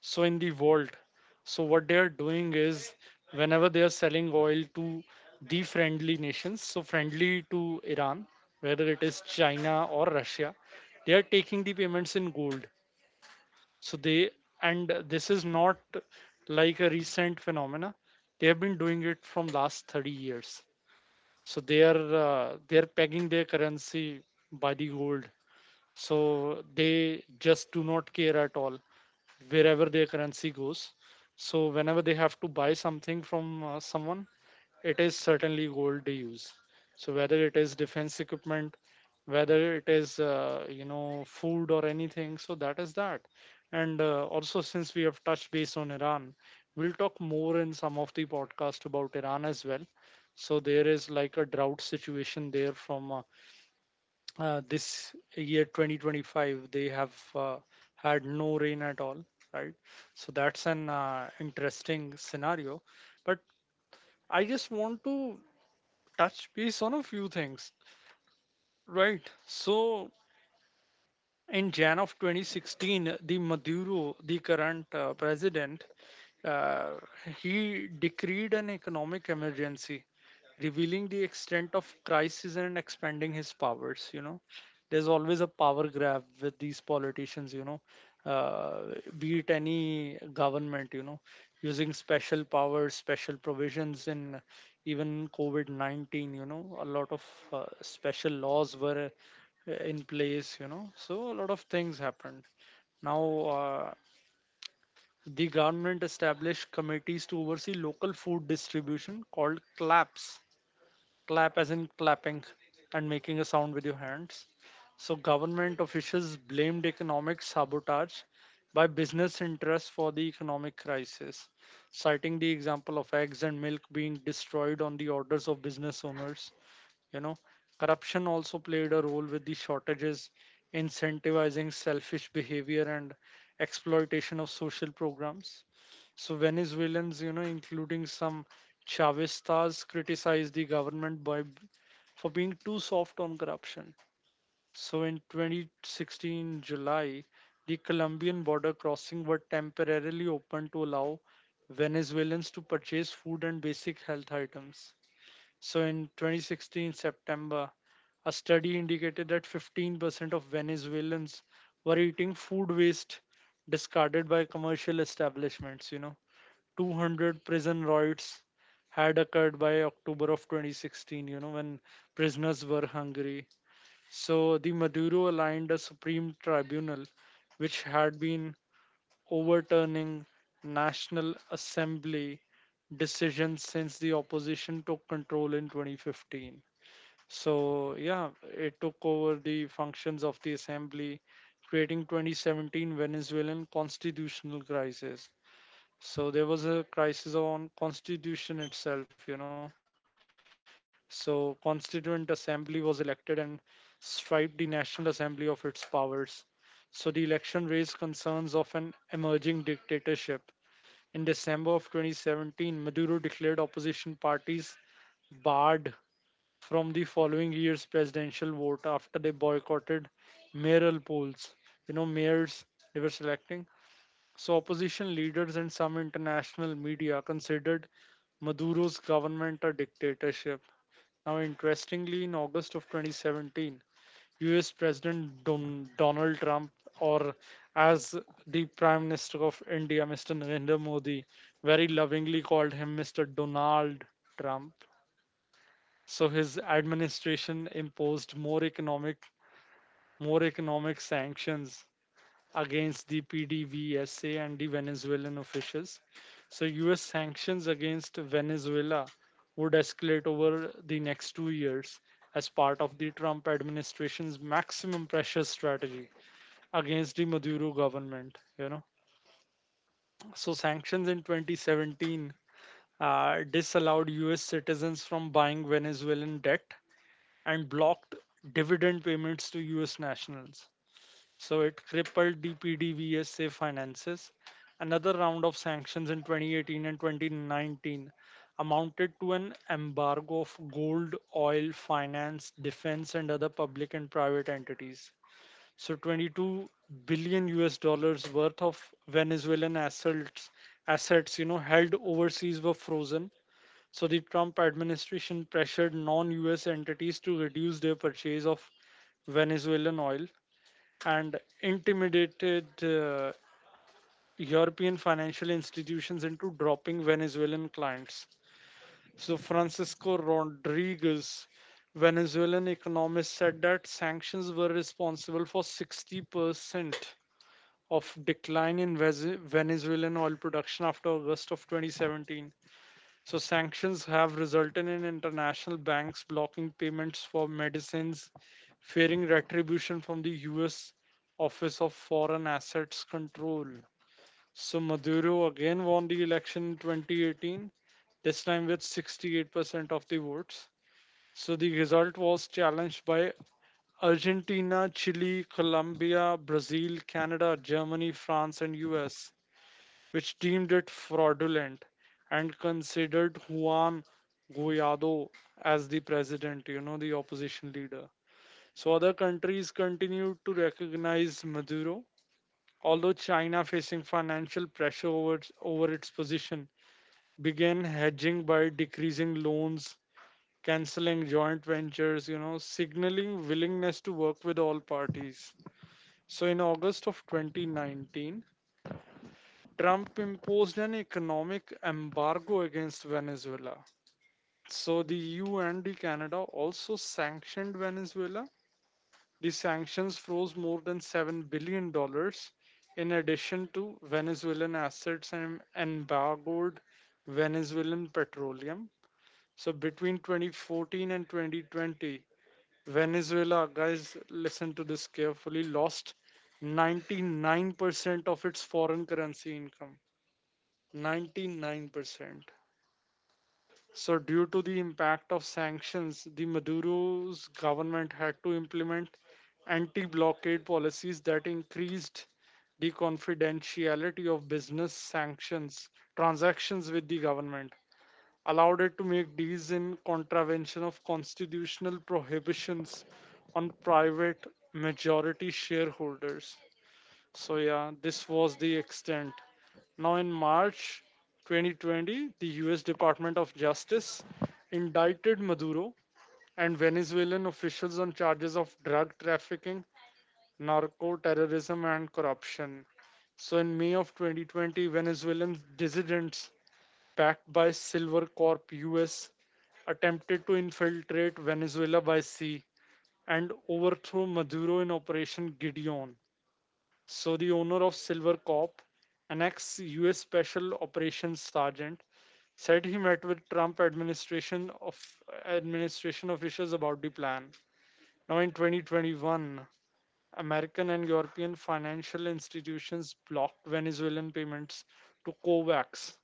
Speaker 3: so in the world. So what they are doing is whenever they are selling oil to the friendly nations, so friendly to Iran, whether it is China or Russia, they are taking the payments in gold. So they, and this is not like a recent phenomena, they have been doing it from last 30 years. So they are pegging their currency by the gold. So they just do not care at all wherever their currency goes. So whenever they have to buy something from someone, it is certainly gold they use. So whether it is defense equipment, whether it is you know, food or anything, so that is that. And also since we have touched base on Iran, we'll talk more in some of the podcast about Iran as well. So there is like a drought situation there from this year 2025. They have had no rain at all, right? So that's an interesting scenario. But I just want to touch base on a few things, right? So, in Jan of 2016, the Maduro, the current president, uh, he decreed an economic emergency revealing the extent of crisis and expanding his powers. You know, there's always a power grab with these politicians, you know, be it any government, you know, using special powers, special provisions in even COVID-19. You know, a lot of special laws were in place, you know, so a lot of things happened. Now, uh, the government established committees to oversee local food distribution called claps, clap as in clapping and making a sound with your hands. So government officials blamed economic sabotage by business interests for the economic crisis, citing the example of eggs and milk being destroyed on the orders of business owners, you know. Corruption also played a role with the shortages incentivizing selfish behavior and exploitation of social programs. So Venezuelans, you know, including some Chavistas criticized the government by for being too soft on corruption. So in 2016 July, the Colombian border crossing were temporarily open to allow Venezuelans to purchase food and basic health items. So in 2016 September, a study indicated that 15% of Venezuelans were eating food waste discarded by commercial establishments. You know, 200 prison riots had occurred by October of 2016. You know, when prisoners were hungry. So the Maduro aligned a supreme tribunal, which had been overturning National Assembly decisions since the opposition took control in 2015. So, yeah, it took over the functions of the assembly, creating 2017 Venezuelan constitutional crisis. So there was a crisis on constitution itself, you know. So Constituent Assembly was elected and stripped the National Assembly of its powers. So the election raised concerns of an emerging dictatorship. In December of 2017, Maduro declared opposition parties barred from the following year's presidential vote after they boycotted mayoral polls. You know, mayors they were selecting. So, opposition leaders and some international media considered Maduro's government a dictatorship. Now, interestingly, in August of 2017, US President Donald Trump, or as the Prime Minister of India, Mr. Narendra Modi, very lovingly called him, Mr. Donald Trump. So his administration imposed more economic sanctions against the PDVSA and the Venezuelan officials. So US sanctions against Venezuela would escalate over the next 2 years as part of the Trump administration's maximum pressure strategy against the Maduro government. You know, so sanctions in 2017 disallowed U.S. citizens from buying Venezuelan debt and blocked dividend payments to U.S. nationals. So it crippled the PDVSA finances. Another round of sanctions in 2018 and 2019 amounted to an embargo of gold, oil, finance, defense, and other public and private entities. So 22 billion US dollars worth of Venezuelan assets, you know, held overseas were frozen. So the Trump administration pressured non-US entities to reduce their purchase of Venezuelan oil and intimidated European financial institutions into dropping Venezuelan clients. So Francisco Rodriguez, Venezuelan economist, said that sanctions were responsible for 60% of decline in Venezuelan oil production after August of 2017. So sanctions have resulted in international banks blocking payments for medicines, fearing retribution from the US Office of Foreign Assets Control. So Maduro again won the election in 2018, this time with 68% of the votes. So the result was challenged by Argentina, Chile, Colombia, Brazil, Canada, Germany, France, and US which deemed it fraudulent and considered Juan Guaido as the president, you know, the opposition leader. So other countries continued to recognize Maduro, although China, facing financial pressure over its position, began hedging by decreasing loans, canceling joint ventures, you know, signaling willingness to work with all parties. So in August of 2019, Trump imposed an economic embargo against Venezuela. So the EU and the Canada also sanctioned Venezuela. The sanctions froze more than $7 billion dollars in addition to Venezuelan assets and embargoed Venezuelan petroleum. So between 2014 and 2020, Venezuela, guys, listen to this carefully, lost 99% of its foreign currency income. 99%. So due to the impact of sanctions, the Maduro's government had to implement anti blockade policies that increased the confidentiality of business sanctions transactions with the government, allowed it to make deals in contravention of constitutional prohibitions on private majority shareholders. So yeah, this was the extent. Now in March 2020, the US Department of Justice indicted Maduro and Venezuelan officials on charges of drug trafficking, narco terrorism and corruption. So in May of 2020, Venezuelan dissidents backed by Silver Corp US attempted to infiltrate Venezuela by sea and overthrow Maduro in Operation Gideon. So the owner of Silver Corp, an ex-U.S. Special Operations Sergeant, said he met with Trump administration officials about the plan. Now in 2021, American and European financial institutions blocked Venezuelan payments to COVAX.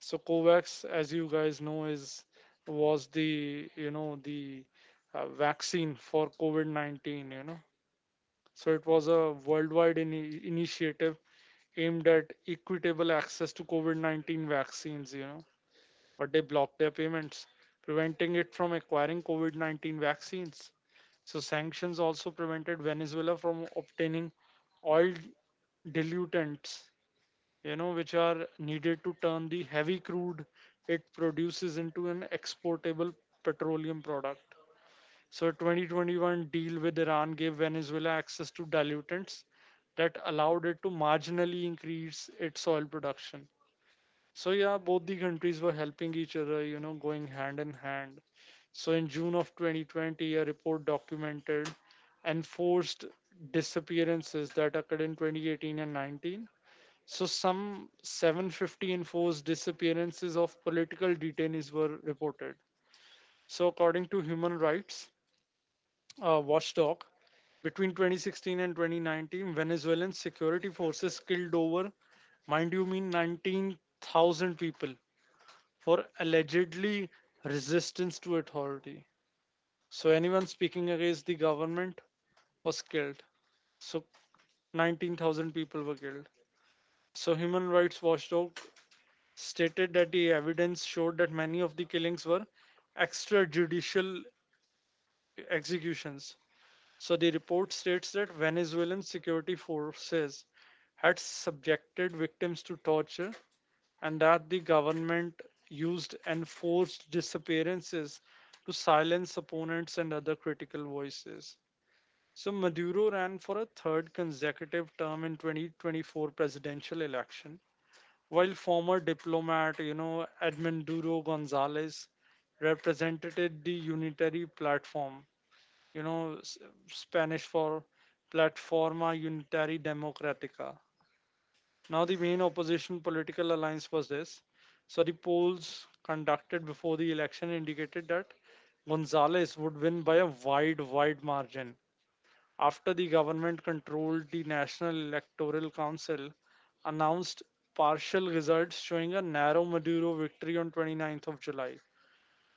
Speaker 3: So COVAX, as you guys know, is was the vaccine for COVID-19. You know, so it was a worldwide initiative aimed at equitable access to COVID 19 vaccines, you know, but they blocked their payments, preventing it from acquiring COVID 19 vaccines. So sanctions also prevented Venezuela from obtaining oil diluents, you know, which are needed to turn the heavy crude it produces into an exportable petroleum product. So 2021 deal with Iran gave Venezuela access to dilutants that allowed it to marginally increase its oil production. So yeah, both the countries were helping each other, you know, going hand in hand. So in June of 2020, a report documented enforced disappearances that occurred in 2018 and 19. So some 750 enforced disappearances of political detainees were reported. So according to Human Rights watchdog. Between 2016 and 2019, Venezuelan security forces killed over, mind you, mean 19,000 people for allegedly resistance to authority. So anyone speaking against the government was killed. So 19,000 people were killed. So Human Rights Watchdog stated that the evidence showed that many of the killings were extrajudicial executions. So the report states that Venezuelan security forces had subjected victims to torture and that the government used enforced disappearances to silence opponents and other critical voices. So Maduro ran for a third consecutive term in 2024 presidential election, while former diplomat you know, Edmundo Gonzalez represented the unitary platform, you know, Spanish for Plataforma Unitari Democratica. Now, the main opposition political alliance was this. So the polls conducted before the election indicated that Gonzalez would win by a wide margin. After the government controlled the National Electoral Council, announced partial results showing a narrow Maduro victory on 29th of July.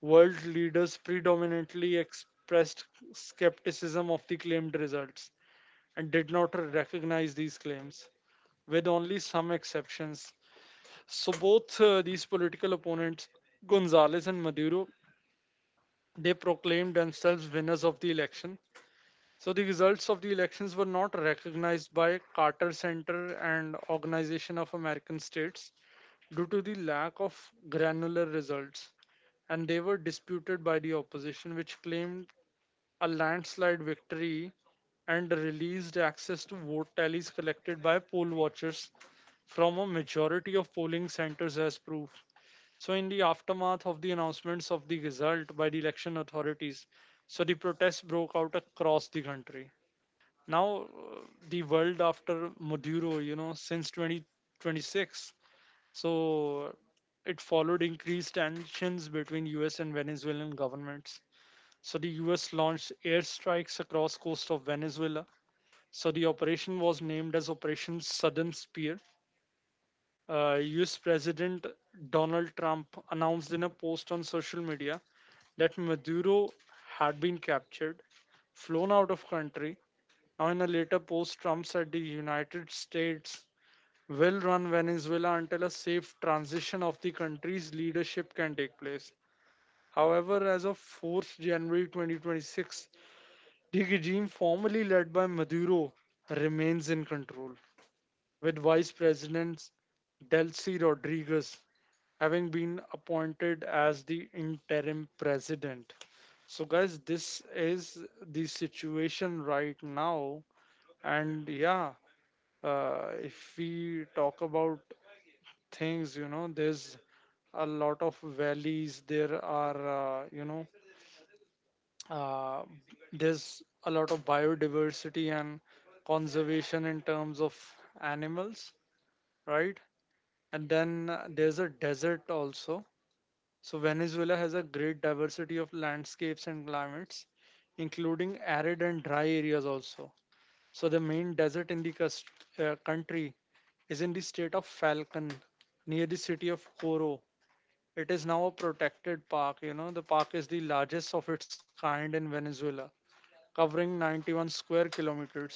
Speaker 3: World leaders predominantly expressed skepticism of the claimed results and did not recognize these claims, with only some exceptions. So both these political opponents, Gonzales and Maduro, they proclaimed themselves winners of the election. So the results of the elections were not recognized by Carter Center and Organization of American States due to the lack of granular results and they were disputed by the opposition, which claimed a landslide victory and released access to vote tallies collected by poll watchers from a majority of polling centers as proof. So in the aftermath of the announcements of the result by the election authorities, so the protests broke out across the country. Now, uh, the world after Maduro, you know, since 2026, so it followed increased tensions between US and Venezuelan governments. So the US launched airstrikes across coast of Venezuela. So the operation was named as Operation Southern Spear. US President Donald Trump announced in a post on social media that Maduro had been captured, flown out of country. Now in a later post, Trump said the United States will run Venezuela until a safe transition of the country's leadership can take place. However, as of 4th January 2026, the regime formerly led by Maduro remains in control, with Vice President Delcy Rodriguez having been appointed as the interim president. So, guys, this is the situation right now. And yeah, if we talk about things, you know, there's a lot of valleys, there are, uh, there's a lot of biodiversity and conservation in terms of animals, right? And then there's a desert also. So Venezuela has a great diversity of landscapes and climates, including arid and dry areas also. So the main desert in the country is in the state of Falcon, near the city of Coro. It is now a protected park. You know, the park is the largest of its kind in Venezuela covering 91 square kilometers.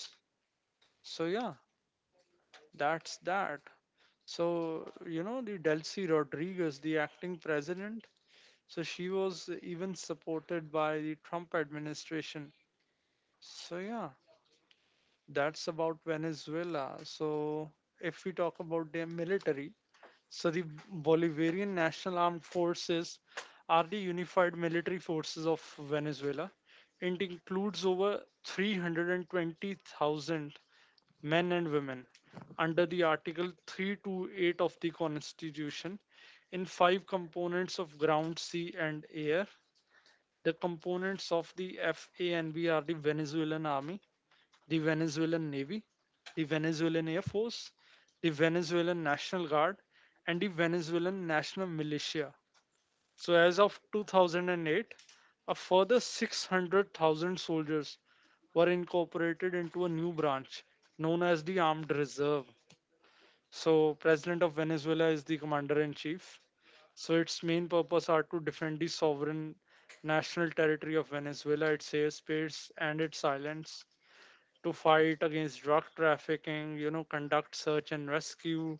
Speaker 3: So, yeah, that's that. So you know, the Delcy Rodriguez, the acting president, so she was even supported by the Trump administration. So, yeah, that's about Venezuela. So if we talk about their military, so the Bolivarian National Armed Forces are the unified military forces of Venezuela. It includes over 320,000 men and women under the Article 328 of the Constitution in five components of ground, sea, and air. The components of the FANB are the Venezuelan Army, the Venezuelan Navy, the Venezuelan Air Force, the Venezuelan National Guard, and the Venezuelan National Militia. So, as of 2008, a further 600,000 soldiers were incorporated into a new branch known as the Armed Reserve. So President of Venezuela is the commander in chief. So its main purpose are to defend the sovereign national territory of Venezuela, its airspace and its islands, to fight against drug trafficking, you know, conduct search and rescue,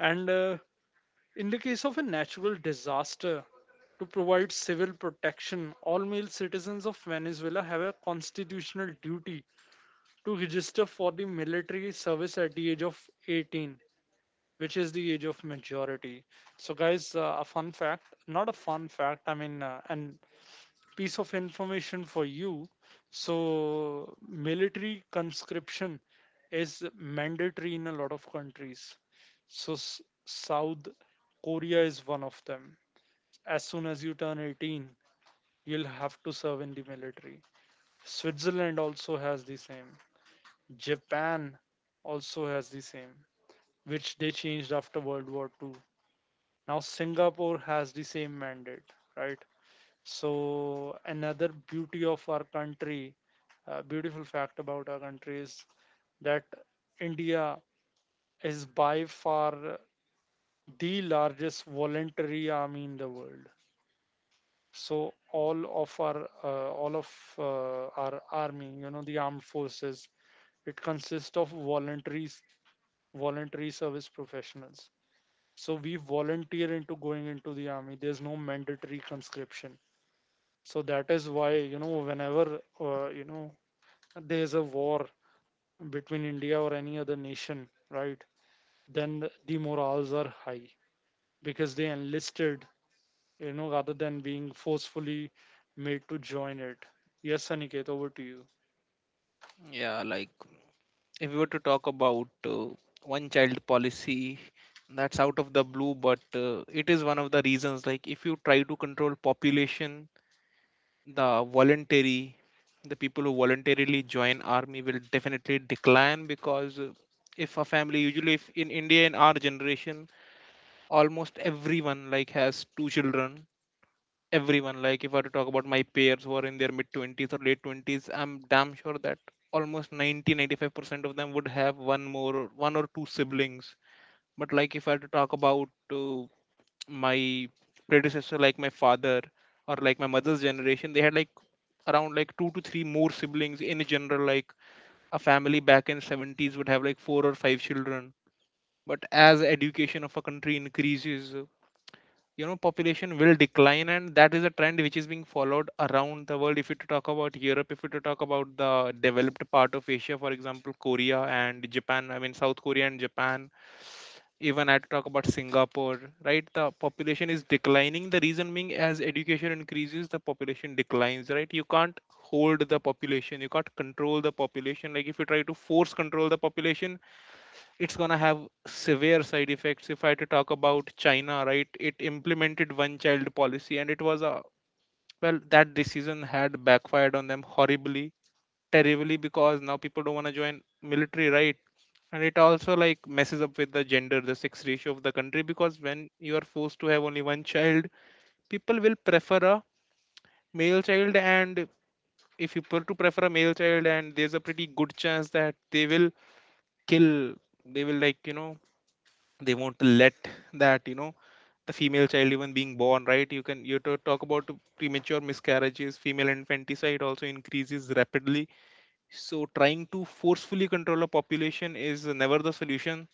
Speaker 3: and in the case of a natural disaster, to provide civil protection. All male citizens of Venezuela have a constitutional duty to register for the military service at the age of 18, which is the age of majority. So, guys, a fun fact, not a fun fact, I mean, an piece of information for you. So military conscription is mandatory in a lot of countries. So, South Korea is one of them. As soon as you turn 18, you'll have to serve in the military. Switzerland also has the same. Japan also has the same, which they changed after World War II. Now, Singapore has the same mandate, right? So another beauty of our country, beautiful fact about our country is that India is by far the largest voluntary army in the world. So all of our army, you know, the armed forces, it consists of voluntary service professionals. So we volunteer into going into the army. There's no mandatory conscription. So that is why whenever there's a war between india or any other nation, right? Then the morals are high because they enlisted, you know rather than being forcefully made to join it. Yes, Aniket, over to you.
Speaker 1: yeah, like, if we were to talk about one child policy, that's out of the blue, but it is one of the reasons, like, if you try to control population, the voluntary the people who voluntarily join army will definitely decline. Because if a family, usually, if in India, in our generation, almost everyone like has 2 children. Everyone, like, if I were to talk about my peers who are in their mid 20s or late 20s, I'm damn sure that almost 90 95% of them would have one or two siblings. But like, if I were to talk about uh, my predecessor, like my father or like my mother's generation, they had like around like 2 to 3 more siblings. In general, like a family back in 70s would have like 4 or 5 children. But as education of a country increases, you know, population will decline, and that is a trend which is being followed around the world. If you to talk about Europe, if you to talk about the developed part of Asia, for example, Korea and Japan, I mean South Korea and Japan, even I had to talk about Singapore, right, the population is declining. The reason being, as education increases, the population declines. Right, you can't hold the population, you can't control the population. Like, if you try to force control the population, it's going to have severe side effects. If I had to talk about China, right, it implemented one child policy, and it was a, well, that decision had backfired on them horribly, terribly, because now people don't want to join military, right. And it also like messes up with the gender, the sex ratio of the country, because when you are forced to have only one child, people will prefer a male child. And if you were to prefer a male child, and there's a pretty good chance that they will kill, they will like, you know, they won't let that, you know, the female child even being born, right? You can, you to talk about premature miscarriages, female infanticide also increases rapidly. So trying to forcefully control a population is never the solution.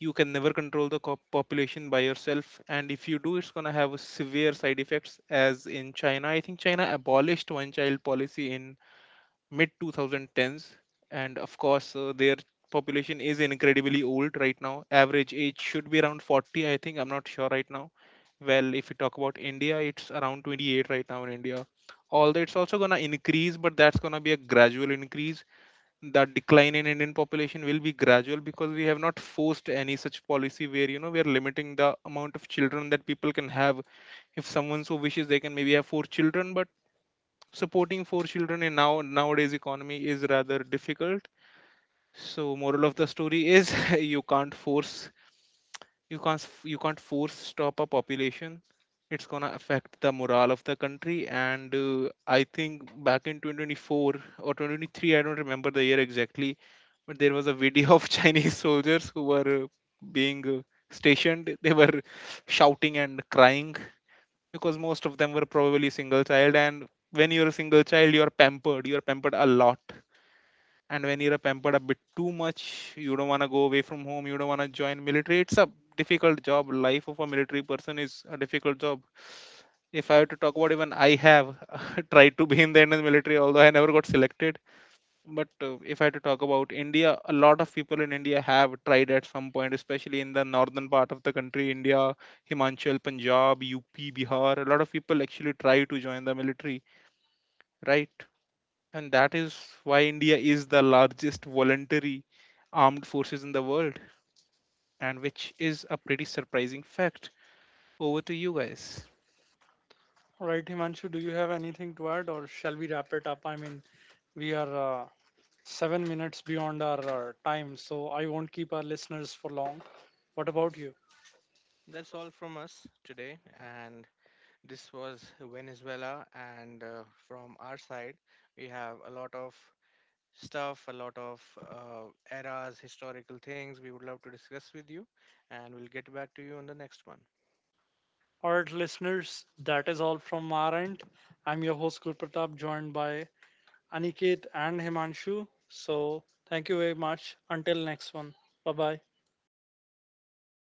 Speaker 1: You can never control the population by yourself, and if you do, it's going to have severe side effects, as in China. I think China abolished one child policy in mid 2010s. And of course, their population is incredibly old right now, average age should be around 40, I think, I'm not sure right now. Well, if you talk about India, it's around 28 right now in India. Although it's also going to increase, but that's going to be a gradual increase. The decline in Indian population will be gradual, because we have not forced any such policy where, you know, we are limiting the amount of children that people can have. If someone so wishes, they can maybe have 4 children, but supporting 4 children in nowadays economy is rather difficult. So moral of the story is, [laughs] you can't force, you can't you can't force stop a population. It's going to affect the morale of the country. And I think back in 2024 or 2023, I don't remember the year exactly, but there was a video of [laughs] Chinese soldiers who were being stationed, they were shouting and crying, because most of them were probably single child. And when you're a single child, you're pampered, you're pampered a lot. And when you're pampered a bit too much, you don't want to go away from home, you don't want to join military. It's a difficult job, life of a military person is a difficult job. If I were to talk about, even I have [laughs] tried to be in the Indian military, although I never got selected. But if I had to talk about India, a lot of people in India have tried at some point, especially in the northern part of the country, India, Himachal, Punjab, UP, Bihar, a lot of people actually try to join the military, right? And that is why India is the largest voluntary armed forces in the world, and which is a pretty surprising fact. Over to you guys.
Speaker 3: All right, Himanshu, do you have anything to add or shall we wrap it up? I mean, we are 7 minutes beyond our time, so I won't keep our listeners for long. What about you?
Speaker 2: That's all from us today. And this was Venezuela. And From our side, we have a lot of stuff, a lot of eras, historical things we would love to discuss with you. And we'll get back to you on the next one.
Speaker 3: All right, listeners, that is all from our end. I'm your host, Gurpratap, joined by Aniket and Himanshu. So thank you very much. Until next one. Bye bye.